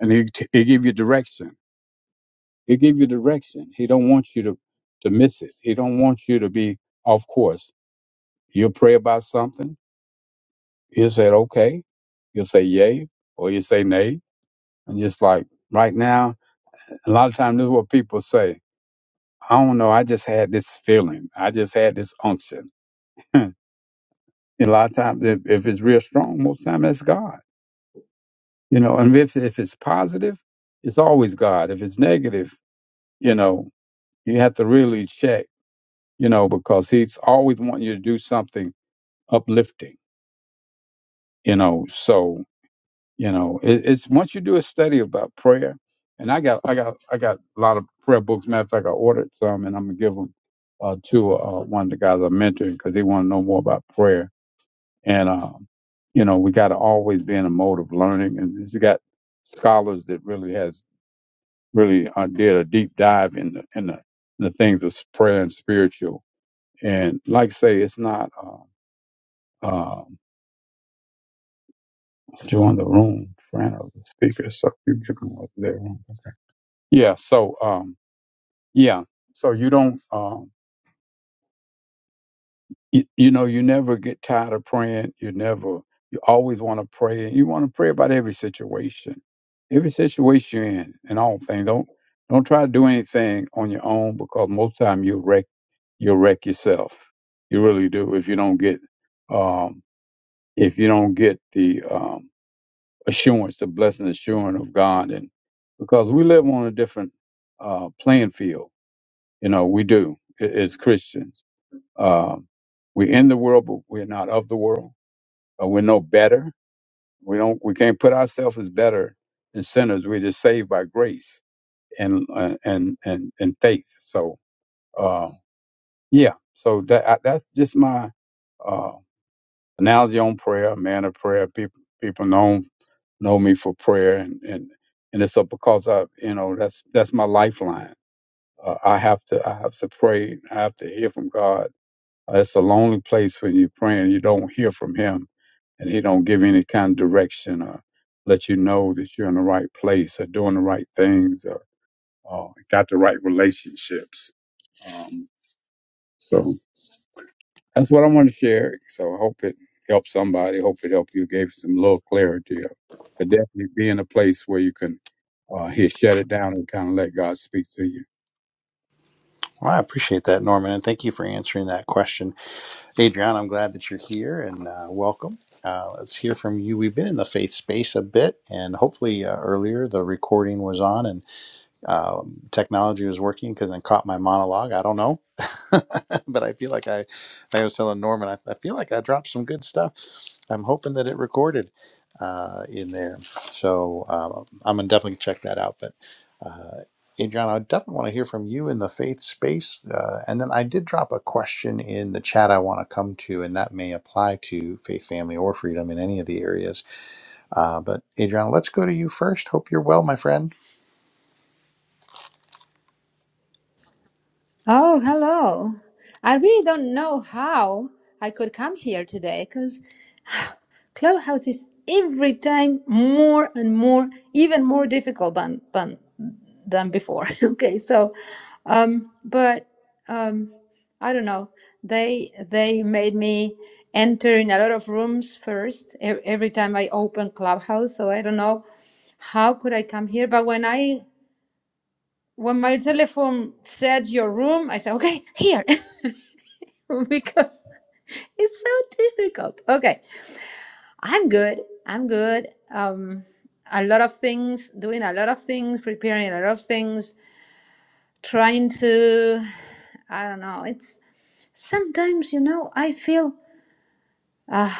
And he, he give you direction He'll give you direction. He don't want you to, to miss it. He don't want you to be off course. You'll pray about something. He'll say, okay. You'll say yay or you say nay. And just like right now, a lot of times this is what people say. I don't know. I just had this feeling. I just had this unction. And a lot of times, if, if it's real strong, most time that's God. You know, and if, if it's positive, it's always God. If it's negative, you know, you have to really check you know, because he's always wanting you to do something uplifting, you know. So, you know, it, it's once you do a study about prayer, and I got, I got, I got a lot of prayer books. Matter of fact, I ordered some, and I'm gonna give them uh, to uh, one of the guys I'm mentoring because he want to know more about prayer. And um, you know, we got to always be in a mode of learning, and you got scholars that really has really uh, did a deep dive in the in the, in the things of prayer and spiritual. And like I say, it's not. Uh, um, join the room, friend of the speaker, so you can come up there. Okay. Yeah. So, um, yeah. So you don't, um, you, you know, you never get tired of praying. You never, you always want to pray, and you want to pray about every situation, every situation you're in, and all things. Don't don't try to do anything on your own because most time you wreck you wreck yourself. You really do if you don't get um, if you don't get the um, assurance, the blessed assurance of God, and because we live on a different uh, playing field, you know, we do a- as Christians. Um, we're in the world, but we're not of the world. Uh, we're no better. We don't. We can't put ourselves as better than sinners. We're just saved by grace and uh, and and and faith. So uh, yeah. So that I, that's just my uh, analogy on prayer, man of prayer. People people know know me for prayer and and and it's up because I you know that's that's my lifeline. Uh, I have to I have to pray. I have to hear from God. Uh, it's a lonely place when you're praying. You don't hear from Him, and He don't give any kind of direction or let you know that you're in the right place or doing the right things or uh, got the right relationships. Um, so that's what I want to share. So I hope it helped somebody. Hope it helped you. Gave you some little clarity. But definitely be in a place where you can uh, he'll shut it down and kind of let God speak to you.
Well, I appreciate that, Norman, and thank you for answering that question. Adriana, I'm glad that you're here and uh, welcome. Uh, let's hear from you. We've been in the faith space a bit, and hopefully uh, earlier the recording was on, and um, technology was working because I caught my monologue. I don't know, but I feel like I, I was telling Norman, I, I feel like I dropped some good stuff. I'm hoping that it recorded uh, in there, so um, I'm gonna definitely check that out. But uh, Adrian, I definitely want to hear from you in the faith space, uh, and then I did drop a question in the chat I want to come to, and that may apply to faith, family, or freedom in any of the areas. Uh, but Adriana, let's go to you first. Hope you're well, my friend.
Oh, hello. I really don't know how I could come here today because Clubhouse is every time more and more, even more difficult than than than before. okay, so um but um I don't know. They they made me enter in a lot of rooms first e- every time I open Clubhouse, so I don't know how could I come here, but when I when my telephone said your room, I said, okay, here, because it's so difficult. Okay, I'm good. I'm good. Um, a lot of things, doing a lot of things, preparing a lot of things, trying to, I don't know, it's sometimes, you know, I feel uh,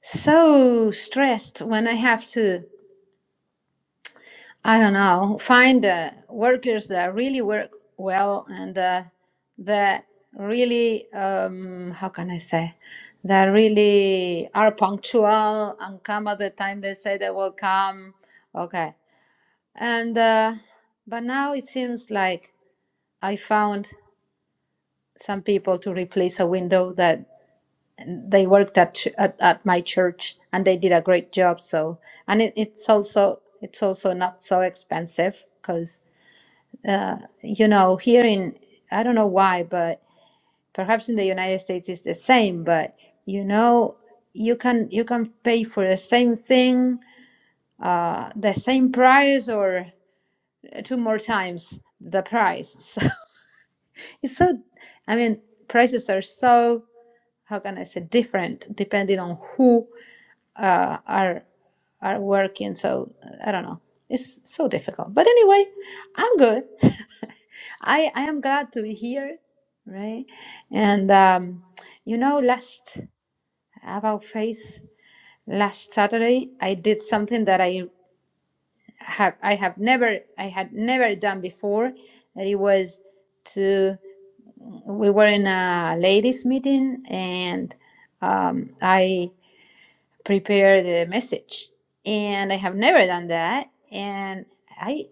so stressed when I have to. I don't know, find uh, workers that really work well and uh, that really, um, how can I say, that really are punctual and come at the time they say they will come. Okay. And, uh, but now it seems like I found some people to replace a window that they worked at, ch- at, at my church and they did a great job. So, and it, it's also, it's also not so expensive uh, you know, here in, I don't know why, but perhaps in the United States it's the same, but you know, you can you can pay for the same thing, uh, the same price or two more times the price. So it's so, I mean, prices are so, how can I say, different depending on who uh, are are working. So I don't know. It's so difficult. But anyway, I'm good. I, I am glad to be here, right? And um, you know, last about faith, last Saturday I did something that I have I have never I had never done before. That it was to we were in a ladies meeting and um, I prepared a message, and I have never done that, and. I.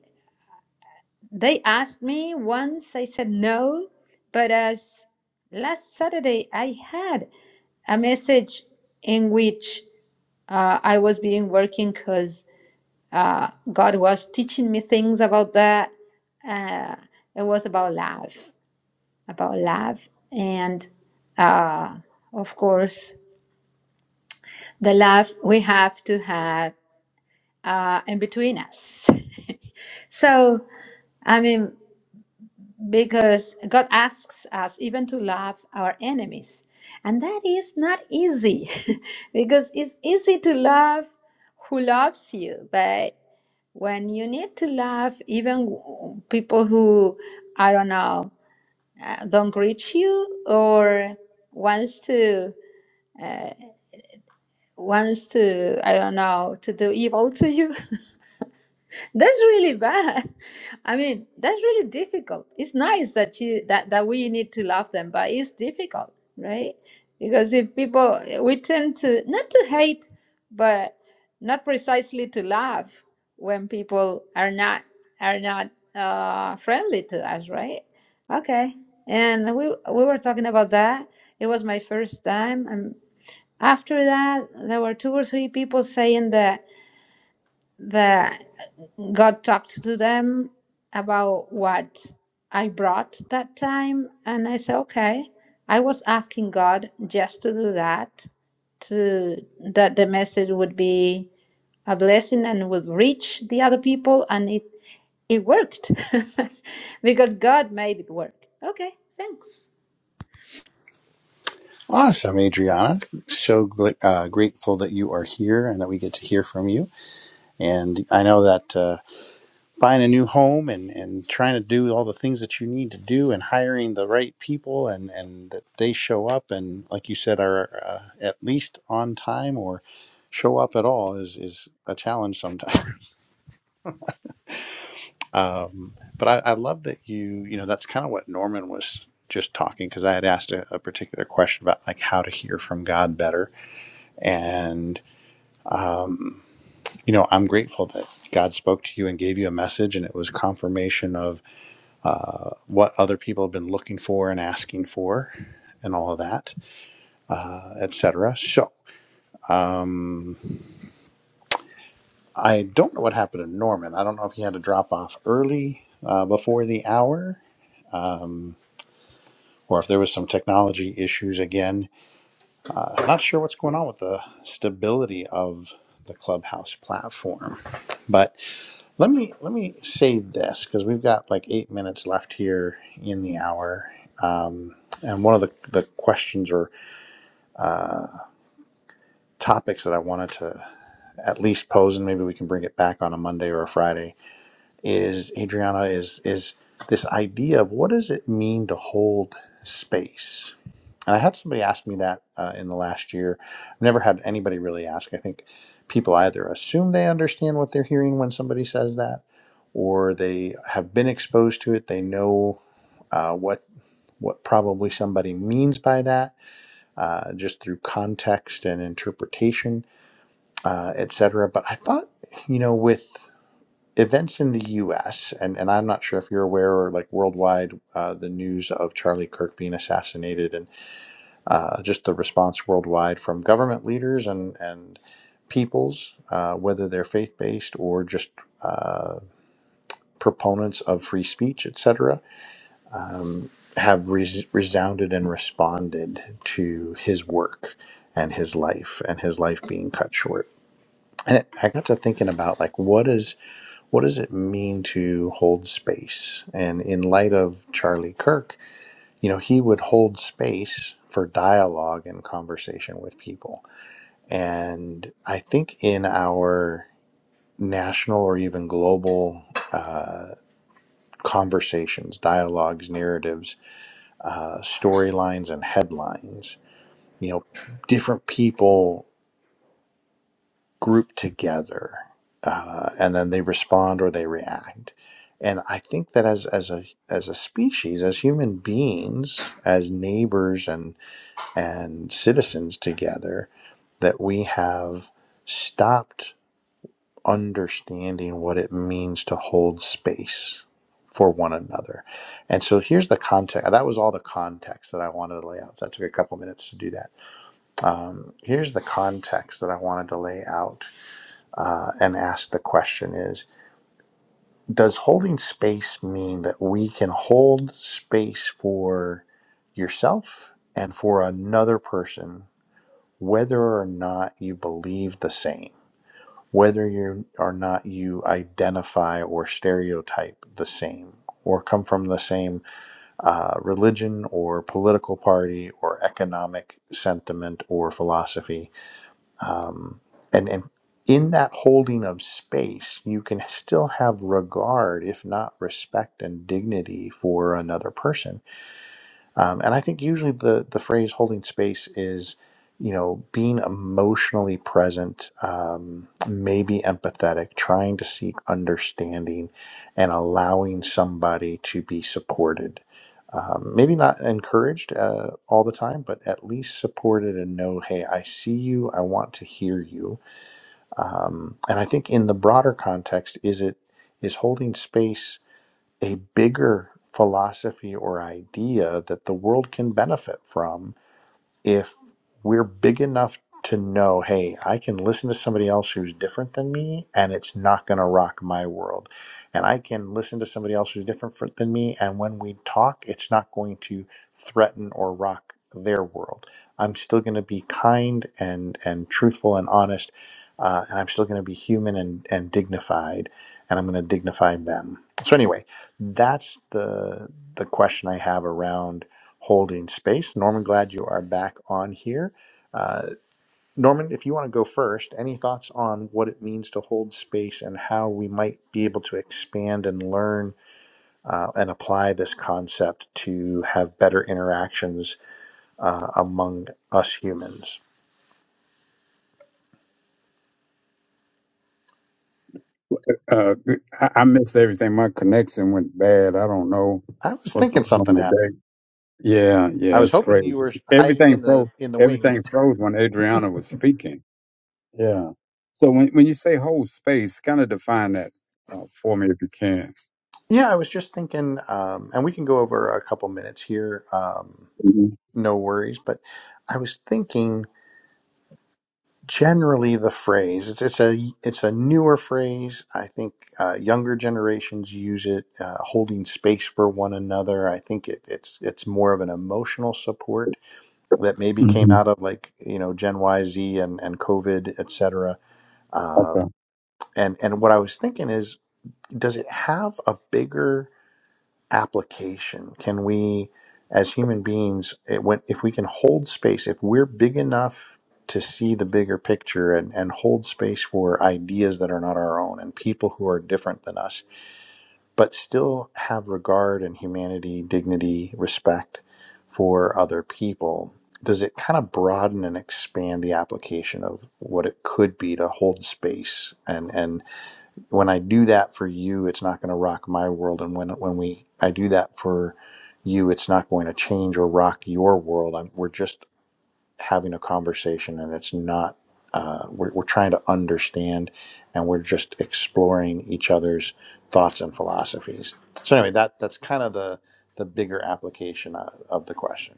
They asked me once, I said no, but as last Saturday I had a message in which uh, I was being working because uh, God was teaching me things about that. Uh, it was about love, about love, and uh, of course, the love we have to have uh, in between us. so, I mean, because God asks us even to love our enemies. And that is not easy because it's easy to love who loves you, but when you need to love even w- people who, I don't know, uh, don't greet you or wants to wants to I don't know to do evil to you that's really bad i mean that's really difficult it's nice that you that that we need to love them but it's difficult right because if people we tend to not to hate but not precisely to love when people are not are not uh, friendly to us right okay and we we were talking about that it was my first time and after that there were two or three people saying that the God talked to them about what I brought that time, and I said, okay, I was asking God just to do that, to that the message would be a blessing and would reach the other people, and it it worked because God made it work. Okay, thanks.
Awesome, Adriana. So uh, grateful that you are here and that we get to hear from you. And I know that uh, buying a new home and, and trying to do all the things that you need to do and hiring the right people and, and that they show up and, like you said, are uh, at least on time or show up at all is, is a challenge sometimes. Um, but I, I love that you, you know, that's kind of what Norman was just talking because I had asked a, a particular question about like how to hear from God better. And um, you know, I'm grateful that God spoke to you and gave you a message, and it was confirmation of what other people have been looking for and asking for, and all of that, etc. So I don't know what happened to Norman. I don't know if he had to drop off early uh, before the hour. Or if there was some technology issues again, I'm not sure what's going on with the stability of the Clubhouse platform. But Let me let me say this because we've got like eight minutes left here in the hour, um, and one of the, the questions or topics that I wanted to at least pose, and maybe we can bring it back on a Monday or a Friday, is Adriana is is this idea of what does it mean to hold space? And I had somebody ask me that uh, in the last year. I've never had anybody really ask. I think people either assume they understand what they're hearing when somebody says that, or they have been exposed to it. They know uh, what what probably somebody means by that, uh, just through context and interpretation, uh, etc. But I thought, you know, with events in the U.S. and and I'm not sure if you're aware or like worldwide, uh, the news of Charlie Kirk being assassinated and uh, just the response worldwide from government leaders and and peoples, uh, whether they're faith based or just uh, proponents of free speech, etc have res- resounded and responded to his work and his life and his life being cut short and it, i got to thinking about like what is what does it mean to hold space and in light of charlie kirk you know he would hold space for dialogue and conversation with people and i think in our national or even global uh, conversations dialogues narratives uh, storylines and headlines you know, different people group together, uh, and then they respond or they react. And I think that as as a as a species, as human beings, as neighbors and and citizens together, that we have stopped understanding what it means to hold space for one another. And so here's the context. That was all the context that I wanted to lay out. So I took a couple minutes to do that Um, here's the context that I wanted to lay out uh, and ask the question is Does holding space mean that we can hold space for yourself and for another person, whether or not you believe the same, whether you or not you identify or stereotype the same? Or come from the same uh, religion or political party or economic sentiment or philosophy um, and and in that holding of space, you can still have regard, if not respect and dignity, for another person. Um, and I think usually the the phrase "holding space" is, you know, being emotionally present, um, maybe empathetic, trying to seek understanding, and allowing somebody to be supported. Um, maybe not encouraged uh, all the time, but at least supported and know, hey, I see you. I want to hear you um, and I think in the broader context, is it is holding space a bigger philosophy or idea that the world can benefit from if we're big enough to know, hey, I can listen to somebody else who's different than me and it's not going to rock my world. And I can listen to somebody else who's different fr- than me. And when we talk, it's not going to threaten or rock their world. I'm still going to be kind and, and truthful and honest. Uh, and I'm still going to be human and, and dignified. And I'm going to dignify them. So, anyway, that's the, the question I have around holding space. Norman, glad you are back on here. Uh, Norman, if you want to go first, any thoughts on what it means to hold space and how we might be able to expand and learn uh, and apply this concept to have better interactions uh, among us humans?
Uh, I, I missed everything. My connection went bad. I don't know
I was
what's
thinking
going on
something happened.
today. Yeah,
I
yeah,
was
it's
hoping
crazy.
you were hiding
Everything
in the
froze.
in the wings.
Everything froze when Adriana was speaking. Yeah. So when when you say whole space, kind of define that uh, for me if you can.
Yeah, I was just thinking, um, and we can go over a couple minutes here. Um,
hmm
no worries, but I was thinking generally the phrase. It's, it's a it's a newer phrase. I think uh, younger generations use it, uh, holding space for one another. I think it, it's it's more of an emotional support that maybe came
hmm
out of like you know Gen Y, Z, and and COVID, et cetera. Um,
Okay.
and and what I was thinking is, does it have a bigger application? Can we, as human beings, it, when, if we can hold space, if we're big enough to see the bigger picture and, and hold space for ideas that are not our own and people who are different than us, but still have regard and humanity, dignity, respect for other people, does it kind of broaden and expand the application of what it could be to hold space and, and when I do that for you, it's not going to rock my world. And when when we I do that for you, it's not going to change or rock your world. I'm, we're just having a conversation, and it's not. Uh, we're, we're trying to understand, and we're just exploring each other's thoughts and philosophies. So anyway, that that's kind of the the bigger application of, of the question.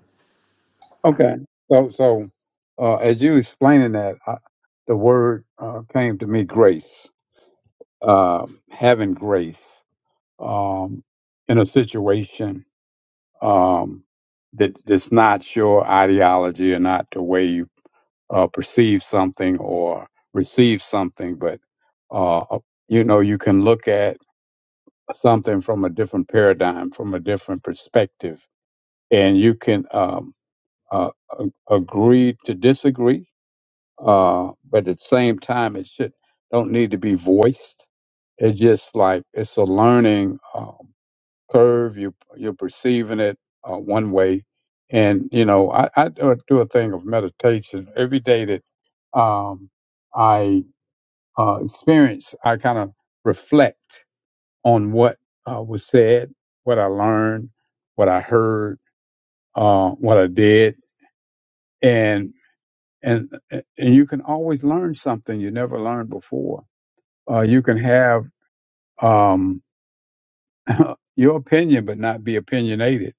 Okay. So so uh, as you explaining that, I, the word uh, came to me grace. Uh, having grace um, in a situation um, that that's not your ideology or not the way you uh, perceive something or receive something, but uh, uh, you know you can look at something from a different paradigm, from a different perspective, and you can um, uh, a- agree to disagree, uh, but at the same time, it should don't need to be voiced. It's just like it's a learning. Um, curve. You you're perceiving it uh, one way, and you know I, I do a do a thing of meditation every day that um, I uh, experience. I kind of reflect on what uh, was said, what I learned, what I heard, uh, what I did, and and and you can always learn something you never learned before. Uh, you can have um, your opinion, but not be opinionated.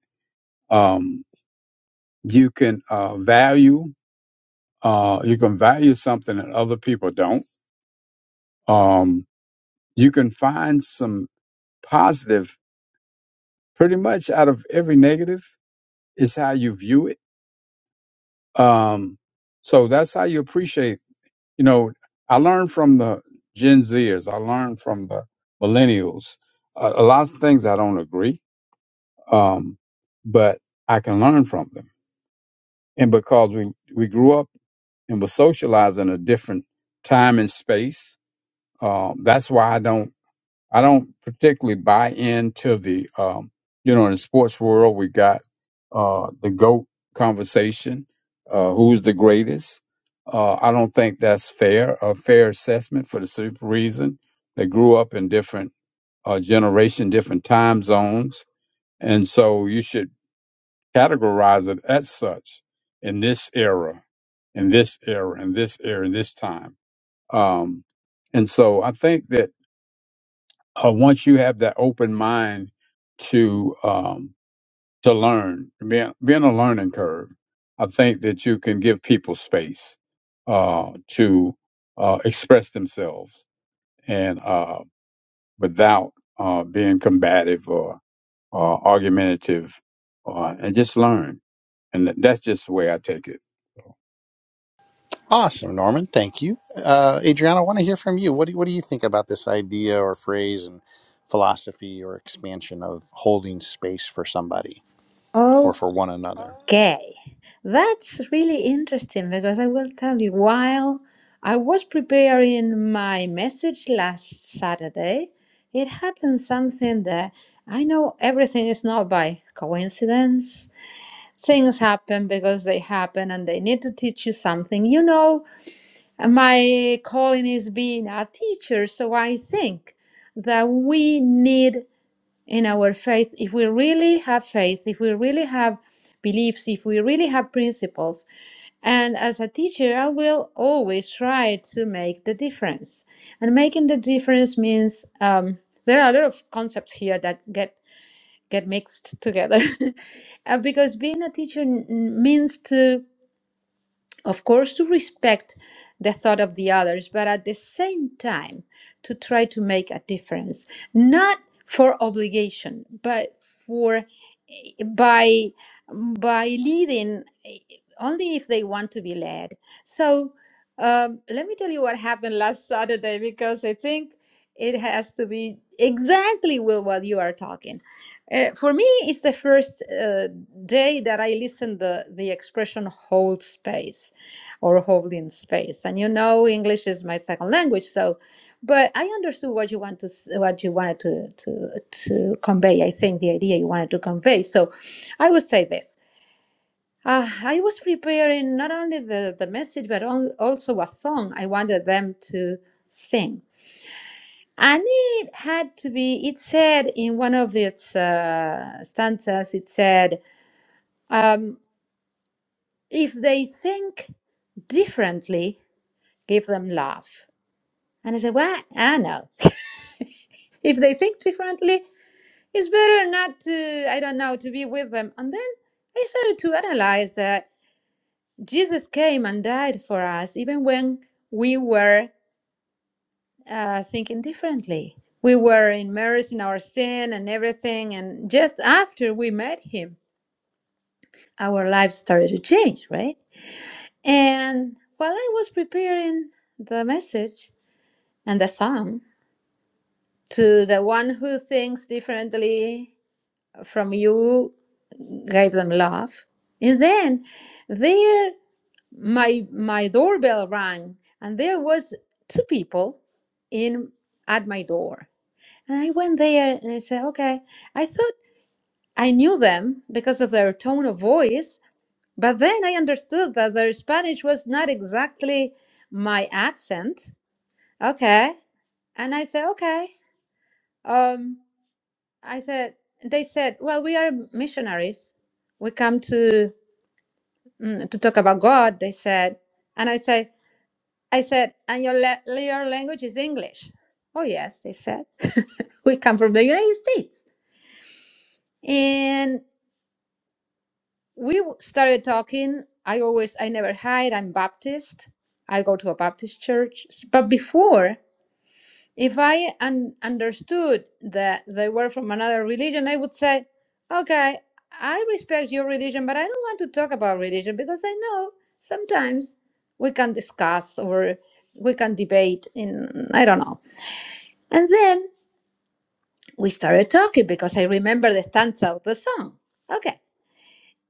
Um, you can uh, value uh, you can value something that other people don't um, you can find some positive pretty much out of every negative is how you view it um, so that's how you appreciate you know i learned from the gen zers i learned from the millennials a, a lot of things i don't agree um, but i can learn from them and because we, we grew up and were socialized in a different time and space Um, that's why I don't I don't particularly buy into the um, you know in the sports world we got uh, the goat conversation, uh, who's the greatest. Uh, I don't think that's fair a fair assessment for the simple reason they grew up in different uh, generation, different time zones, and so you should categorize it as such in this era, in this era, in this era, in this time. Um, and so I think that uh, once you have that open mind to um, to learn, being, being a learning curve, I think that you can give people space uh, to uh, express themselves and uh, without uh, being combative or, or argumentative, uh, and just learn. And that's just the way I take it.
Awesome, Norman. Thank you. Uh, Adriana, I want to hear from you. What do, what do you think about this idea or phrase and philosophy or expansion of holding space for somebody or for one another?
Okay, that's really interesting because I will tell you, while I was preparing my message last Saturday, it happened something that I know everything is not by coincidence. Things happen because they happen and they need to teach you something. You know, my calling is being a teacher, so I think that we need in our faith, if we really have faith, if we really have beliefs, if we really have principles. And as a teacher, I will always try to make the difference. And making the difference means um, there are a lot of concepts here that get get mixed together, Uh, because being a teacher n- means to of course to respect the thought of the others but at the same time to try to make a difference not for obligation but for by by leading eh, only if they want to be led so um, let me tell you what happened last saturday because i think it has to be exactly with what you are talking Uh, for me it's the first uh, day that i listened the the expression hold space or holding space. And you know, English is my second language, so but I understood what you want to what you wanted to to to convey. I think the idea you wanted to convey. So I would say this. Uh, I was preparing not only the, the message but on, also a song I wanted them to sing. And it had to be, it said in one of its uh, stanzas, it said, um, if they think differently, give them love And I said, well, I know. if they think differently, it's better not to, I don't know, to be with them. And then I started to analyze that Jesus came and died for us, even when we were uh, thinking differently. We were immersed in our sin and everything. And just after we met him, our lives started to change, right? And while I was preparing the message and the song to the one who thinks differently from you gave them love and then there my my doorbell rang and there was two people in at my door and i went there and i said okay i thought i knew them because of their tone of voice but then i understood that their spanish was not exactly my accent okay and i said okay um i said they said well we are missionaries we come to mm, to talk about God, they said, and I said, I said, and your, la- your language is English. Oh yes, they said, we come from the United States, and we w- started talking. I always, I never hide. I'm Baptist. I go to a Baptist church, but before. If I un- understood that they were from another religion, I would say, okay, I respect your religion, but I don't want to talk about religion because I know sometimes we can discuss or we can debate in, I don't know. And then we started talking because I remember the stanza of the song. Okay.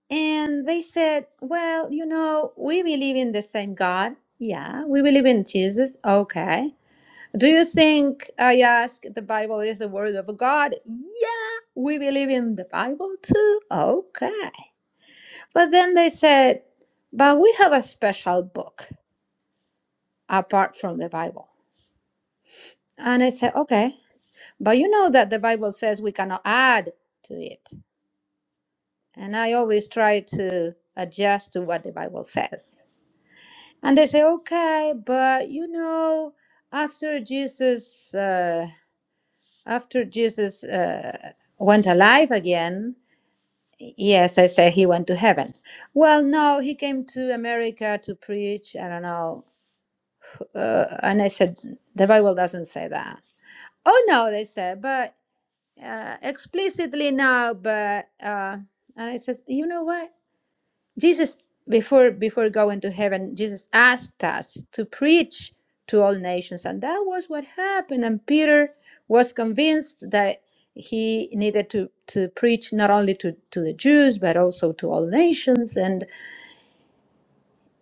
And they said, well, you know, we believe in the same God. Yeah, we believe in Jesus. Okay. Do you think I ask the Bible is the word of God? Yeah, we believe in the Bible too. Okay. But then they said, but we have a special book apart from the Bible. And I said, okay, but you know that the Bible says we cannot add to it. And I always try to adjust to what the Bible says. And they say, okay, but you know, after Jesus, uh, after Jesus uh, went alive again, Yes, I said he went to heaven. Well, no, he came to America to preach. I don't know. Uh, and I said, the Bible doesn't say that. Oh, no, they said, but uh, explicitly no. But, uh, and I said, you know what? Jesus, before before going to heaven, Jesus asked us to preach to all nations, and that was what happened. And Peter was convinced that he needed to to preach not only to to the Jews but also to all nations. And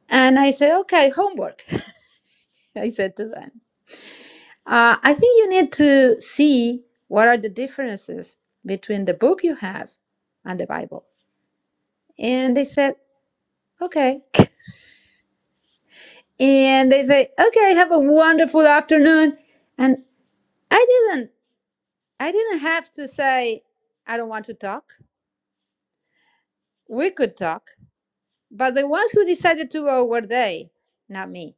and I said, okay, homework. I said to them, uh, I think you need to see what are the differences between the book you have and the Bible. And they said, okay. and they say, "Okay, have a wonderful afternoon." And I didn't I didn't have to say I don't want to talk. We could talk, but the ones who decided to go were they, not me.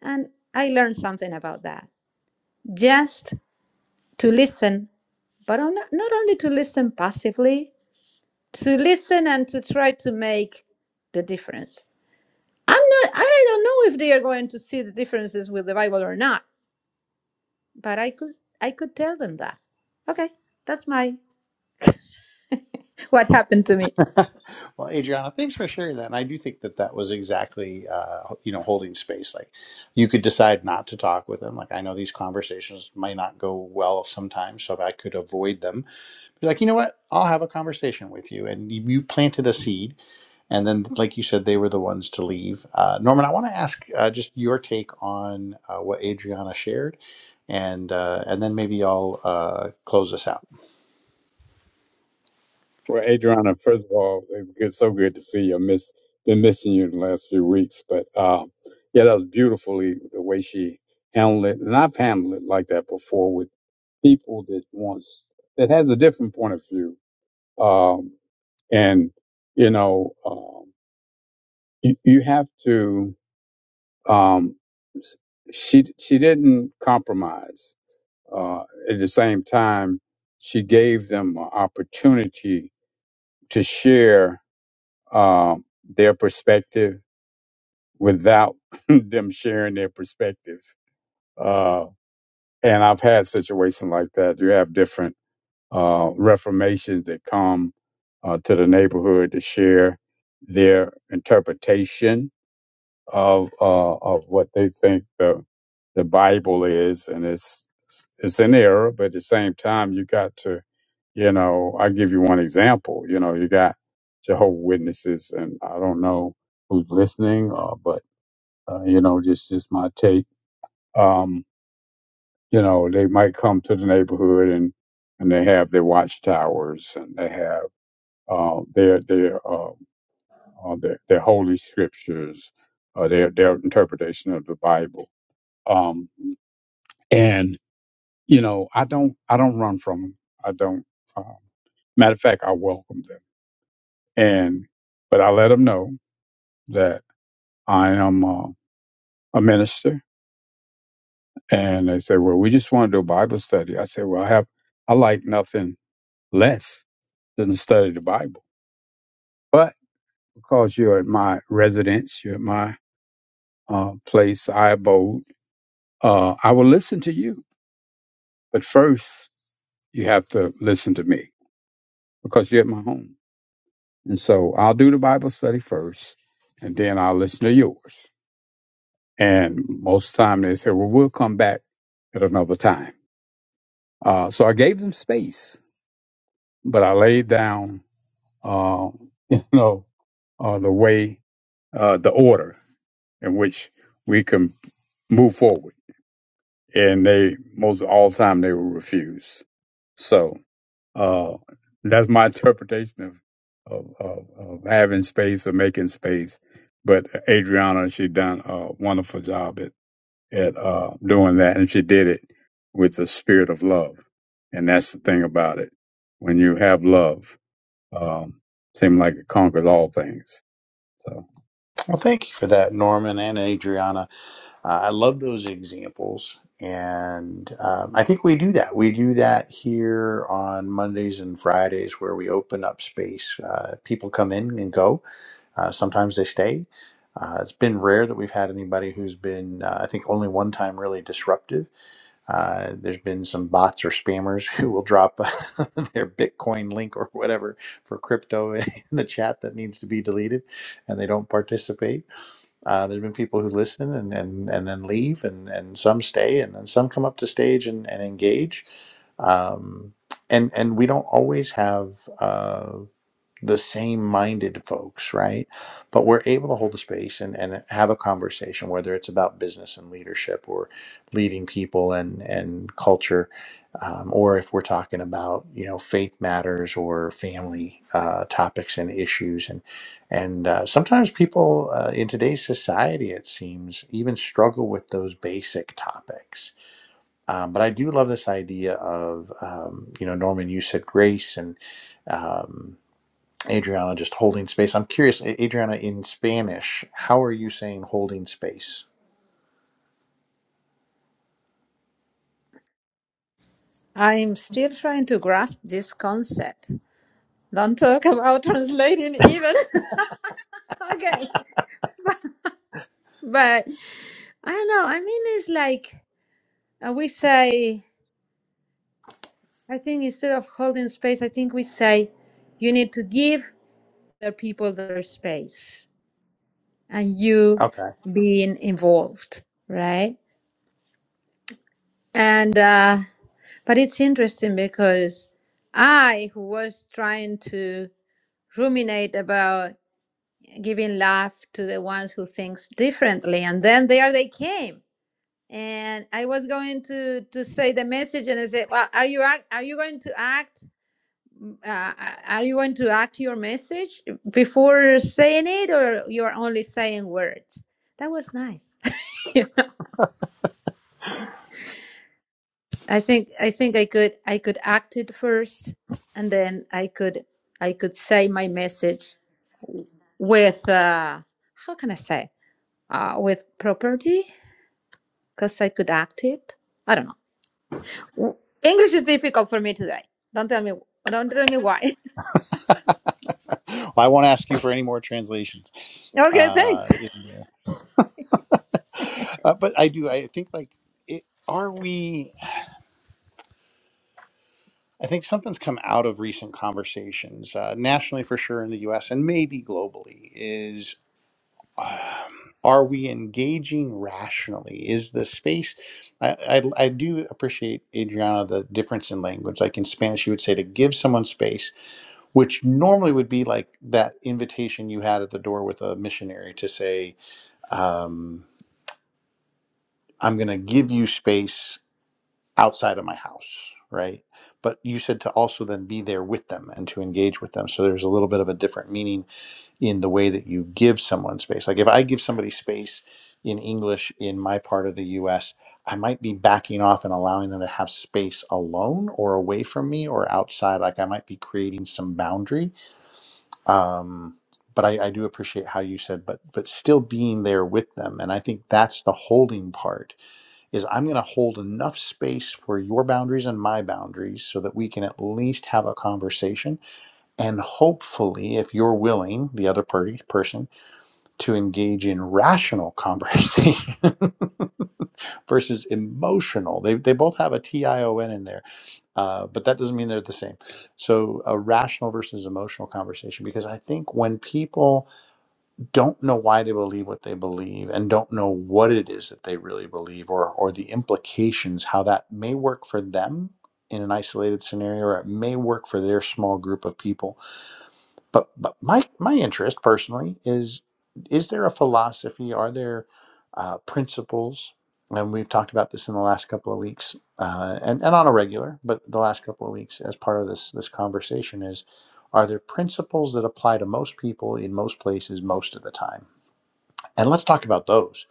And I learned something about that. Just to listen, but on, not only to listen passively, to listen and to try to make the difference. I'm not I don't know if they are going to see the differences with the Bible or not but I could I could tell them that. Okay, that's my what happened to me.
well, Adriana, thanks for sharing that. And I do think that that was exactly, uh, you know, holding space. Like you could decide not to talk with them. Like I know these conversations might not go well sometimes, so if I could avoid them, Be like, you know what? I'll have a conversation with you. And you you planted a seed. And then, like you said, they were the ones to leave. Uh, Norman, I want to ask uh, just your take on uh, what Adriana shared, and uh, and then maybe I'll uh, close us out.
Well, Adriana, first of all, it's good, so good to see you. I miss been missing you the last few weeks, but uh, yeah, that was beautifully the way she handled it, and I've handled it like that before with people that wants that has a different point of view, um, and you know, um, you, you have to. Um, s- she she didn't compromise. Uh, at the same time, she gave them an opportunity to share um, their perspective without them sharing their perspective. Uh, and I've had situations like that. You have different uh, reformations that come uh, to the neighborhood to share their interpretation of uh, of what they think the the Bible is, and it's it's in error. But at the same time, you got to, you know, I give you one example. You know, you got Jehovah Witnesses, and I don't know who's listening, uh, but uh, you know, just just my take. Um, you know, they might come to the neighborhood and and they have their watchtowers and they have uh, their their, uh, uh, their their holy scriptures, uh, their their interpretation of the Bible um, and you know, I don't, I don't run from them. I don't. Um, matter of fact, I welcome them, and but I let them know that I am uh, a minister, and they say, "Well, we just want to do a Bible study." I say, "Well, I have, I like nothing less than to study the Bible, but because you're at my residence, you're at my uh, place I abode, uh, I will listen to you, but first you have to listen to me because you're at my home." And so I'll do the Bible study first, and then I'll listen to yours. And most of the time they say, well, we'll come back at another time. Uh, so I gave them space, but I laid down, uh, you know, uh, the way, uh, the order in which we can move forward. And they, most all the time, they will refuse. So Uh, that's my interpretation of, of, of, of having space or making space. But Adriana, she done a wonderful job at, at uh, doing that. And she did it with the spirit of love. And that's the thing about it. When you have love, um, seems like it conquers all things. So
Well, thank you for that, Norman and Adriana. Uh, I love those examples, and um, I think we do that. We do that here on Mondays and Fridays, where we open up space. Uh, people come in and go, Uh, sometimes they stay. Uh, it's been rare that we've had anybody who's been, uh, I think, only one time really disruptive. Uh, there's been some bots or spammers who will drop their Bitcoin link or whatever for crypto in the chat that needs to be deleted, and they don't participate. Uh, there's been people who listen and, and, and then leave, and, and some stay, and then some come up to stage and, and engage. Um, and, and we don't always have. uh, the same minded folks, right? But we're able to hold a space and, and have a conversation, whether it's about business and leadership or leading people and, and culture, um, or if we're talking about, you know, faith matters or family uh, topics and issues. And, and uh, sometimes people uh, in today's society, it seems, even struggle with those basic topics. Um, but I do love this idea of, um, you know, Norman, you said grace and, um, Adriana just holding space. I'm curious, A- Adriana, in Spanish, how are you saying holding space?
I'm still trying to grasp this concept. Don't talk about translating even. okay, but I don't know. I mean, it's like uh, we say. I think instead of holding space, I think we say you need to give the people their space and you
Okay.
being involved, right? And uh, but it's interesting because I, who was trying to ruminate about giving love to the ones who thinks differently, and then there they came, and I was going to to say the message, and I said, "Well, are you act, are you going to act? Uh, are you going to act your message before saying it, or you're only saying words?" That was nice. I think I think I could I could act it first, and then I could I could say my message with uh, how can I say uh, with property because I could act it. I don't know. W- English is difficult for me today. Don't tell me don't tell me why.
well, I won't ask you for any more translations.
okay, thanks.
Uh, in, uh, but I do, I think, like, it, are we, I think something's come out of recent conversations, uh, nationally for sure in the US and maybe globally, um, are we engaging rationally? Is the space? I, I, I do appreciate Adriana the difference in language. Like in Spanish, you would say to give someone space, which normally would be like that invitation you had at the door with a missionary to say, um, "I'm going to give you space outside of my house." Right, but you said to also then be there with them and to engage with them. So there's a little bit of a different meaning in the way that you give someone space. Like if I give somebody space in English in my part of the US, I might be backing off and allowing them to have space alone or away from me or outside. Like I might be creating some boundary. Um, but I, I do appreciate how you said, but but still being there with them. And I think that's the holding part is I'm gonna hold enough space for your boundaries and my boundaries so that we can at least have a conversation and hopefully if you're willing the other party person to engage in rational conversation versus emotional. They, they both have a T I O N in there, uh, but that doesn't mean they're the same. So, a rational versus emotional conversation, because I think when people don't know why they believe what they believe and don't know what it is that they really believe or, or the implications, how that may work for them in an isolated scenario or it may work for their small group of people but but my my interest personally is is there a philosophy? Are there uh, principles? And we've talked about this in the last couple of weeks, uh, and and on a regular, but the last couple of weeks as part of this this conversation is, are there principles that apply to most people in most places most of the time? And let's talk about those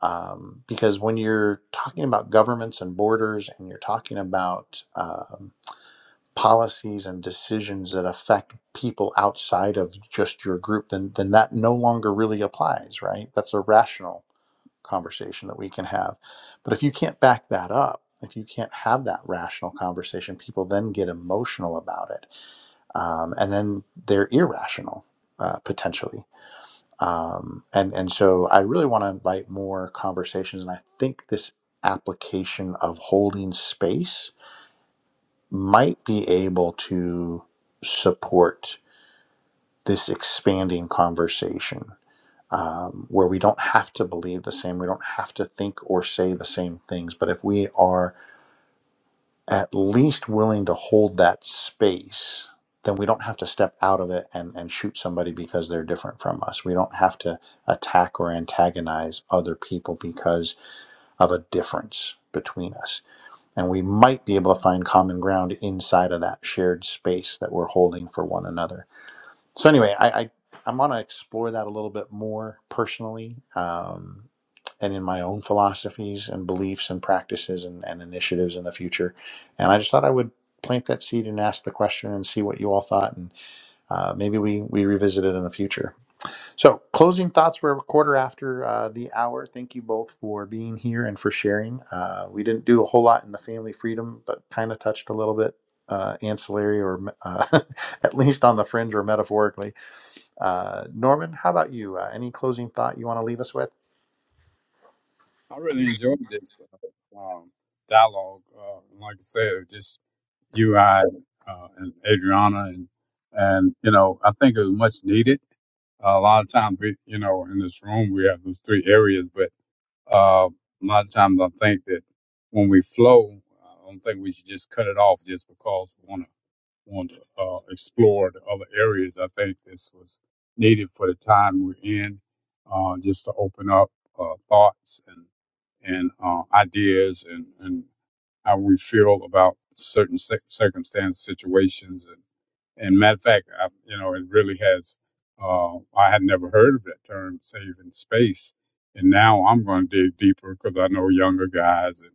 um, because when you're talking about governments and borders, and you're talking about um, policies and decisions that affect people outside of just your group, then then that no longer really applies, right? That's a rational conversation that we can have. But if you can't back that up, if you can't have that rational conversation, people then get emotional about it, um, and then they're irrational uh, potentially. Um, and and so I really want to invite more conversations, and I think this application of holding space might be able to support this expanding conversation um, where we don't have to believe the same, we don't have to think or say the same things. But if we are at least willing to hold that space, then we don't have to step out of it and, and shoot somebody because they're different from us. We don't have to attack or antagonize other people because of a difference between us and we might be able to find common ground inside of that shared space that we're holding for one another. So anyway, I, I I'm going to explore that a little bit more personally, um, and in my own philosophies and beliefs and practices and, and initiatives in the future. And I just thought I would plant that seed and ask the question and see what you all thought, and uh, maybe we we revisit it in the future. So, closing thoughts. We're a quarter after uh, the hour. Thank you both for being here and for sharing. Uh, we didn't do a whole lot in the family freedom, but kind of touched a little bit uh, ancillary or uh, at least on the fringe or metaphorically. Uh, Norman, how about you? Uh, any closing thought you want to leave us with?
I really enjoyed this uh, um, dialogue. Uh, like I said, just you, I, uh, and Adriana and and you know I think it was much needed. a lot of times, we, you know, in this room, we have those three areas, but uh, a lot of times I think that when we flow, I don't think we should just cut it off just because we want to want to uh, explore the other areas. I think this was needed for the time we're in, uh, just to open up uh, thoughts and and uh, ideas and and how we feel about certain cir- circumstances, situations, and matter of fact, I, you know, it really has. Uh, I had never heard of that term, saving space, and now I'm going to dig deeper because I know younger guys and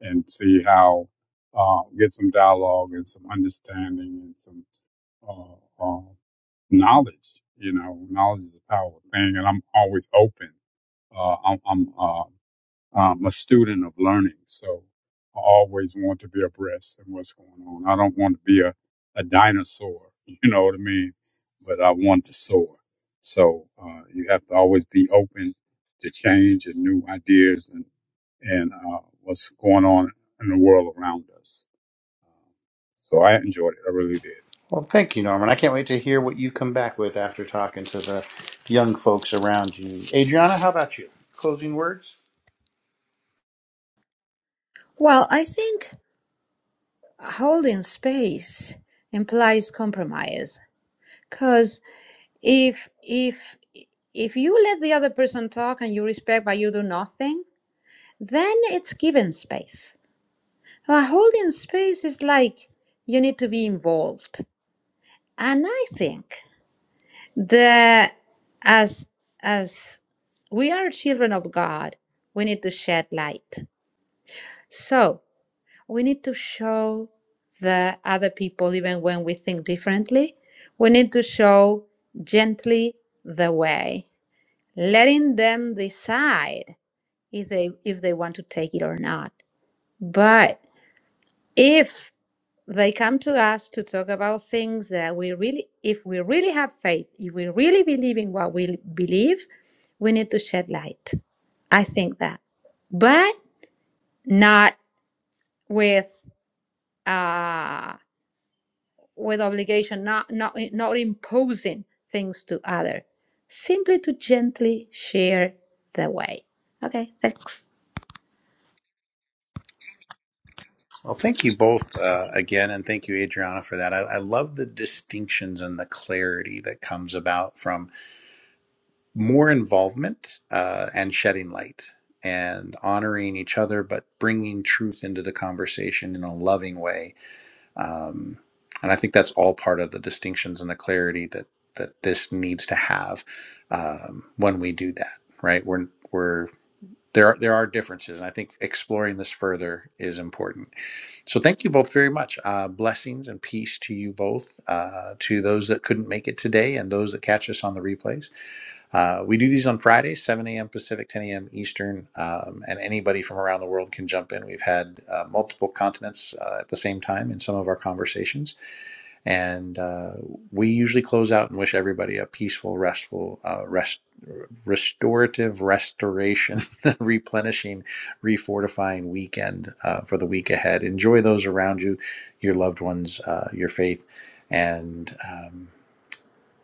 and see how uh, get some dialogue and some understanding and some uh, uh, knowledge. You know, knowledge is a powerful thing, and I'm always open. Uh, I'm, I'm uh, I'm a student of learning, so I always want to be abreast of what's going on. I don't want to be a, a dinosaur, you know what I mean? But I want to soar. So uh, you have to always be open to change and new ideas and and uh, what's going on in the world around us. So I enjoyed it. I really did.
Well, thank you, Norman. I can't wait to hear what you come back with after talking to the young folks around you. Adriana, how about you? Closing words?
Well, I think holding space implies compromise because if if if you let the other person talk and you respect but you do nothing then it's given space. Uh, holding space is like you need to be involved, and I think that as as we are children of God, we need to shed light. So we need to show the other people, even when we think differently, we need to show gently the way, letting them decide if they if they want to take it or not. But if They come to us to talk about things that we really, if we really have faith, if we really believe in what we believe, we need to shed light. I think that, but not with uh, with obligation, not not not imposing things to other. Simply to gently share the way. Okay, thanks.
Well, thank you both uh, again, and thank you, Adriana, for that. I, I love the distinctions and the clarity that comes about from more involvement uh, and shedding light and honoring each other, but bringing truth into the conversation in a loving way. Um, and I think that's all part of the distinctions and the clarity that that this needs to have um, when we do that. Right? We're we're there are there are differences, and I think exploring this further is important. So, thank you both very much. Uh, blessings and peace to you both, uh, to those that couldn't make it today, and those that catch us on the replays. Uh, we do these on Fridays, 7 a.m. Pacific, 10 a.m. Eastern, um, and anybody from around the world can jump in. We've had uh, multiple continents uh, at the same time in some of our conversations. And uh, we usually close out and wish everybody a peaceful, restful, uh, rest, restorative, restoration, replenishing, refortifying weekend uh, for the week ahead. Enjoy those around you, your loved ones, uh, your faith, and. um,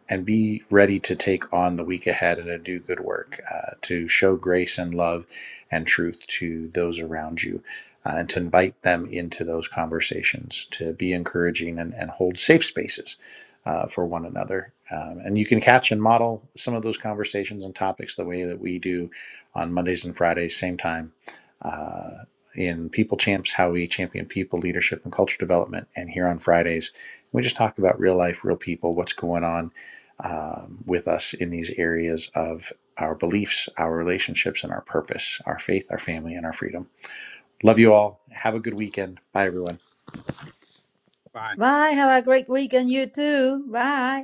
and be ready to take on the week ahead and to do good work, uh, to show grace and love and truth to those around you, uh, and to invite them into those conversations, to be encouraging and, and hold safe spaces uh, for one another. Um, and you can catch and model some of those conversations and topics the way that we do on Mondays and Fridays, same time. Uh, in People Champs, how we champion people, leadership, and culture development. And here on Fridays, we just talk about real life, real people, what's going on um, with us in these areas of our beliefs, our relationships, and our purpose, our faith, our family, and our freedom. Love you all. Have a good weekend. Bye, everyone.
Bye.
Bye. Have a great weekend, you too. Bye.